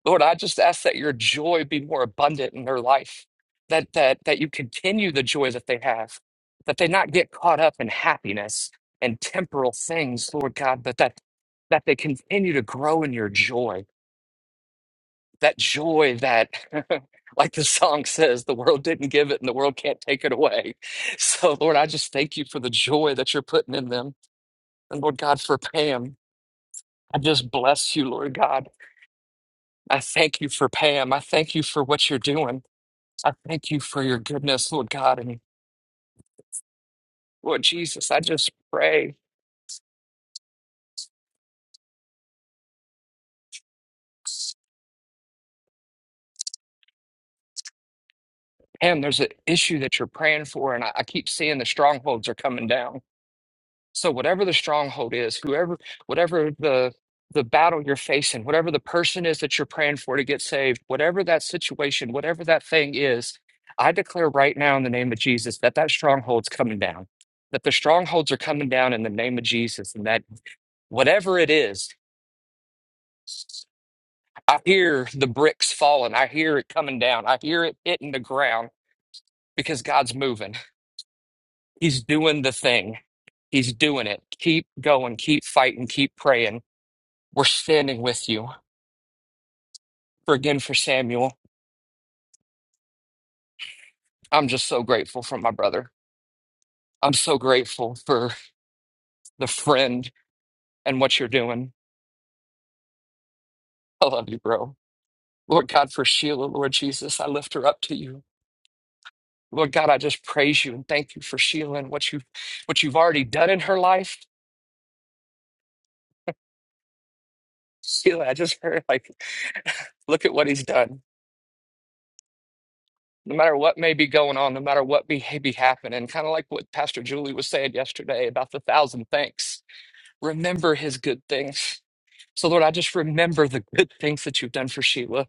Lord, I just ask that your joy be more abundant in their life, that that that you continue the joy that they have, that they not get caught up in happiness and temporal things, Lord God, but that that they continue to grow in your joy, that joy that like the song says, the world didn't give it and the world can't take it away. So Lord, I just thank you for the joy that you're putting in them. And Lord God, for Pam, I just bless you, Lord God. I thank you for Pam. I thank you for what you're doing. I thank you for your goodness, Lord God. And Lord Jesus, I just pray. Pam, there's an issue that you're praying for, and I, I keep seeing the strongholds are coming down. So whatever the stronghold is, whoever, whatever the the battle you're facing, whatever the person is that you're praying for to get saved, whatever that situation, whatever that thing is, I declare right now in the name of Jesus that that stronghold's coming down, that the strongholds are coming down in the name of Jesus, and that whatever it is, I hear the bricks falling. I hear it coming down. I hear it hitting the ground because God's moving. He's doing the thing. He's doing it. Keep going. Keep fighting. Keep praying. We're standing with you. For again, for Samuel, I'm just so grateful for my brother. I'm so grateful for the friend and what you're doing. I love you, bro. Lord God, for Sheila, Lord Jesus, I lift her up to you. Lord God, I just praise you and thank you for Sheila and what you've what you've already done in her life Sheila, I just heard like, look at what he's done. No matter what may be going on, no matter what be, be happening, kind of like what Pastor Julie was saying yesterday about the thousand thanks. Remember his good things. So, Lord, I just remember the good things that you've done for Sheila,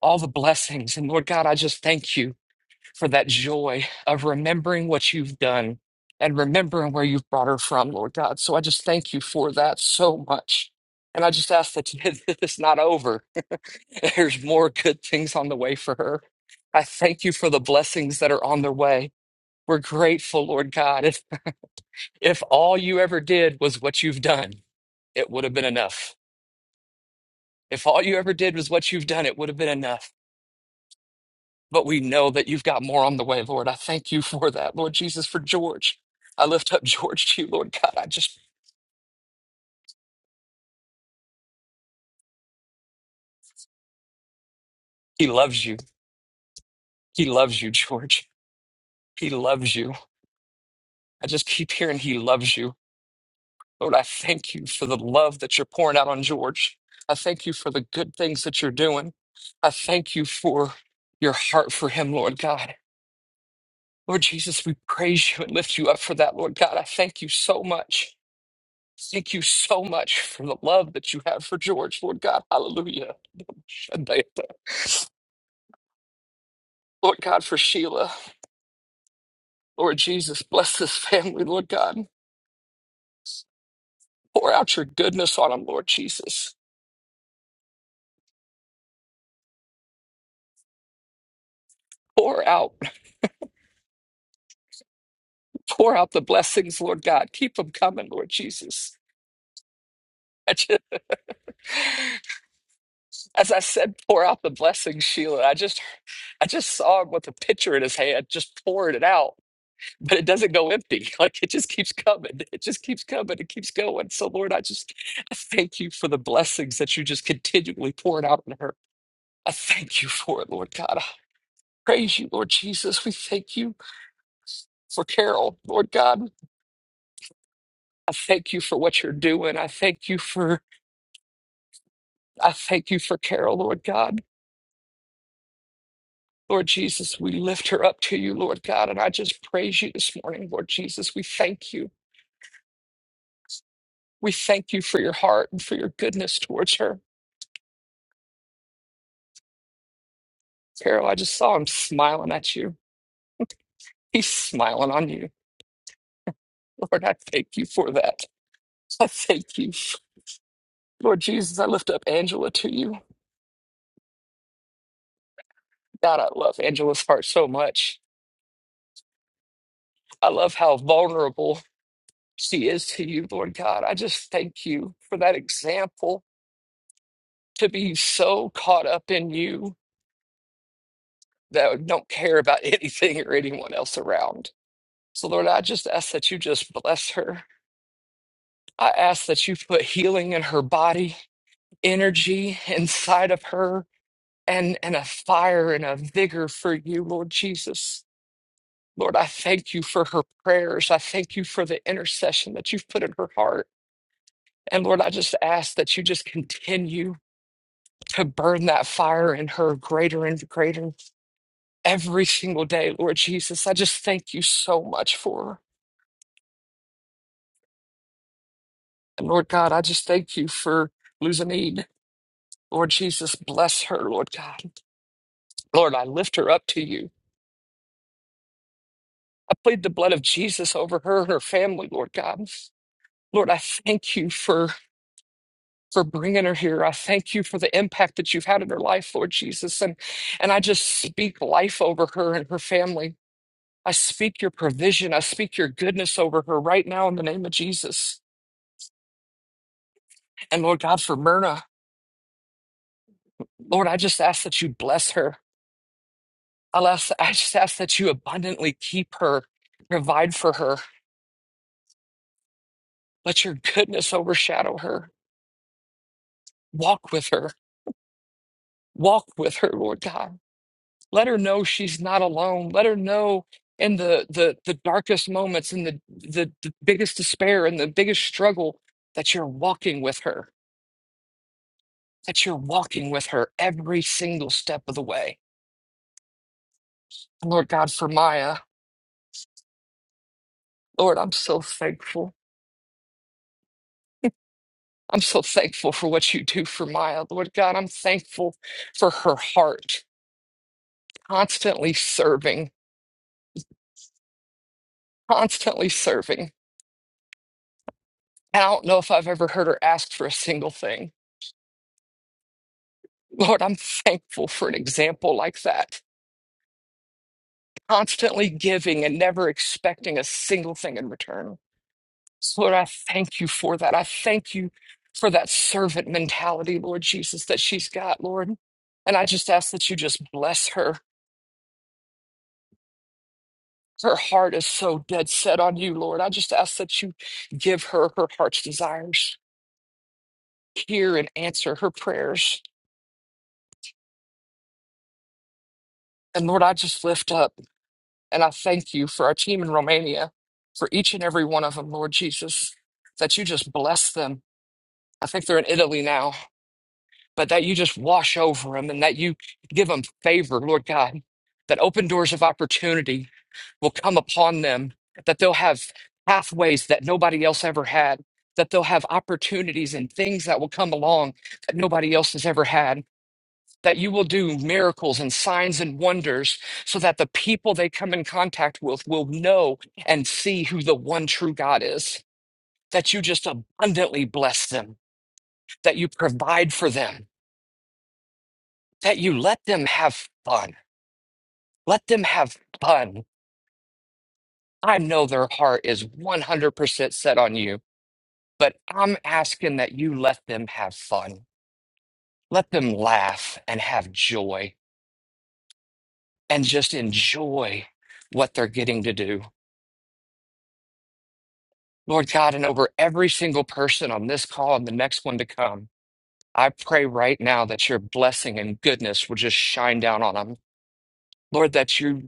all the blessings. And Lord God, I just thank you for that joy of remembering what you've done and remembering where you've brought her from, Lord God. So I just thank you for that so much. And I just ask that this is not over There's more good things on the way for her. I thank you for the blessings that are on their way. We're grateful, Lord God. If, if all you ever did was what you've done, it would have been enough. If all you ever did was what you've done, it would have been enough. But we know that you've got more on the way, Lord. I thank you for that, Lord Jesus, for George. I lift up George to you, Lord God. I just, he loves you. He loves you, George. He loves you. I just keep hearing he loves you. Lord, I thank you for the love that you're pouring out on George. I thank you for the good things that you're doing. I thank you for your heart for him, Lord God. Lord Jesus, we praise you and lift you up for that, Lord God. I thank you so much. Thank you so much for the love that you have for George, Lord God. Hallelujah. Lord God, for Sheila. Lord Jesus, bless this family, Lord God. Pour out your goodness on them, Lord Jesus. Pour out. Pour out the blessings, Lord God. Keep them coming, Lord Jesus. I just, as I said, pour out the blessings, Sheila. I just, I just saw him with a pitcher in his hand, just pouring it out, but it doesn't go empty. Like it just keeps coming. It just keeps coming. It keeps going. So, Lord, I just, I thank you for the blessings that you just continually pouring out on her. I thank you for it, Lord God. I praise you, Lord Jesus. We thank you for Carol, Lord God. I thank you for what you're doing. I thank you for I thank you for Carol, Lord God. Lord Jesus, we lift her up to you, Lord God, and I just praise you this morning, Lord Jesus. We thank you. We thank you for your heart and for your goodness towards her. Carol, I just saw him smiling at you. He's smiling on you. Lord, I thank you for that. I thank you. Lord Jesus, I lift up Angela to you. God, I love Angela's heart so much. I love how vulnerable she is to you, Lord God. I just thank you for that example to be so caught up in you that don't care about anything or anyone else around. So, Lord, I just ask that you just bless her. I ask that you put healing in her body, energy inside of her, and, and a fire and a vigor for you, Lord Jesus. Lord, I thank you for her prayers. I thank you for the intercession that you've put in her heart. And Lord, I just ask that you just continue to burn that fire in her greater and greater every single day, Lord Jesus. I just thank you so much for her. And Lord God, I just thank you for Luzanine. Lord Jesus, bless her, Lord God. Lord, I lift her up to you. I plead the blood of Jesus over her and her family, Lord God. Lord, I thank you for for bringing her here. I thank you for the impact that you've had in her life, Lord Jesus. And and I just speak life over her and her family. I speak your provision. I speak your goodness over her right now in the name of Jesus. And Lord God, for Myrna, Lord, I just ask that you bless her. Alas, I just ask that you abundantly keep her, provide for her. Let your goodness overshadow her. Walk with her. Walk with her, Lord God. Let her know she's not alone. Let her know in the the, the darkest moments, in the, the the biggest despair, and the biggest struggle, that you're walking with her. That you're walking with her every single step of the way. Lord God, for Maya, Lord, I'm so thankful. I'm so thankful for what you do for Maya, Lord God. I'm thankful for her heart, constantly serving, constantly serving. And I don't know if I've ever heard her ask for a single thing. Lord, I'm thankful for an example like that, constantly giving and never expecting a single thing in return. So, Lord, I thank you for that. I thank you for that servant mentality, Lord Jesus, that she's got, Lord. And I just ask that you just bless her Her heart is so dead set on you, Lord. I just ask that you give her her heart's desires, hear and answer her prayers. And Lord, I just lift up and I thank you for our team in Romania, for each and every one of them, Lord Jesus, that you just bless them. I think they're in Italy now. but that you just wash over them and that you give them favor, Lord God, that open doors of opportunity will come upon them, that they'll have pathways that nobody else ever had, that they'll have opportunities and things that will come along that nobody else has ever had, that you will do miracles and signs and wonders so that the people they come in contact with will know and see who the one true God is. That you just abundantly bless them, that you provide for them, that you let them have fun. Let them have fun. I know their heart is 100% set on you, but I'm asking that you let them have fun. Let them laugh and have joy and just enjoy what they're getting to do. Lord God, and over every single person on this call and the next one to come, I pray right now that your blessing and goodness will just shine down on them. Lord, that you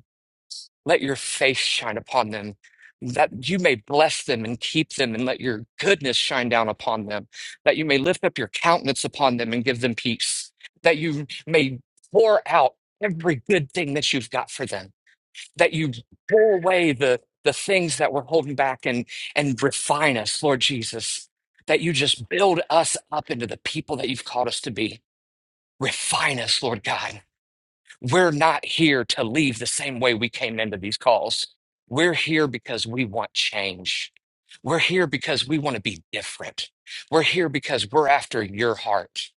Let your face shine upon them, that you may bless them and keep them, and let your goodness shine down upon them, that you may lift up your countenance upon them and give them peace, that you may pour out every good thing that you've got for them, that you pour away the the things that we're holding back and and refine us, Lord Jesus, that you just build us up into the people that you've called us to be. Refine us, Lord God we're not here to leave the same way we came into these calls. We're here because we want change. We're here because we want to be different. We're here because we're after your heart.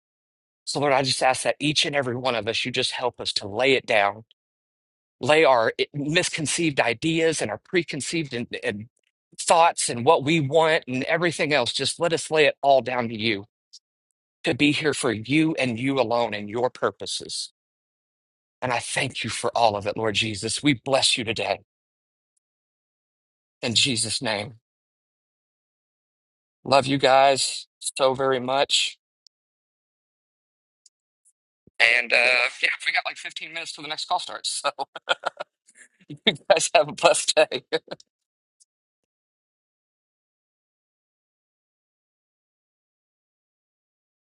So, Lord, I just ask that each and every one of us, you just help us to lay it down, lay our eh, misconceived ideas and our preconceived and, and thoughts and what we want and everything else. Just let us lay it all down to you to be here for you and you alone and your purposes. And I thank you for all of it, Lord Jesus. We bless you today in Jesus' name. Love you guys so very much. And uh, yeah, we got like 15 minutes till the next call starts. So you guys have a blessed day.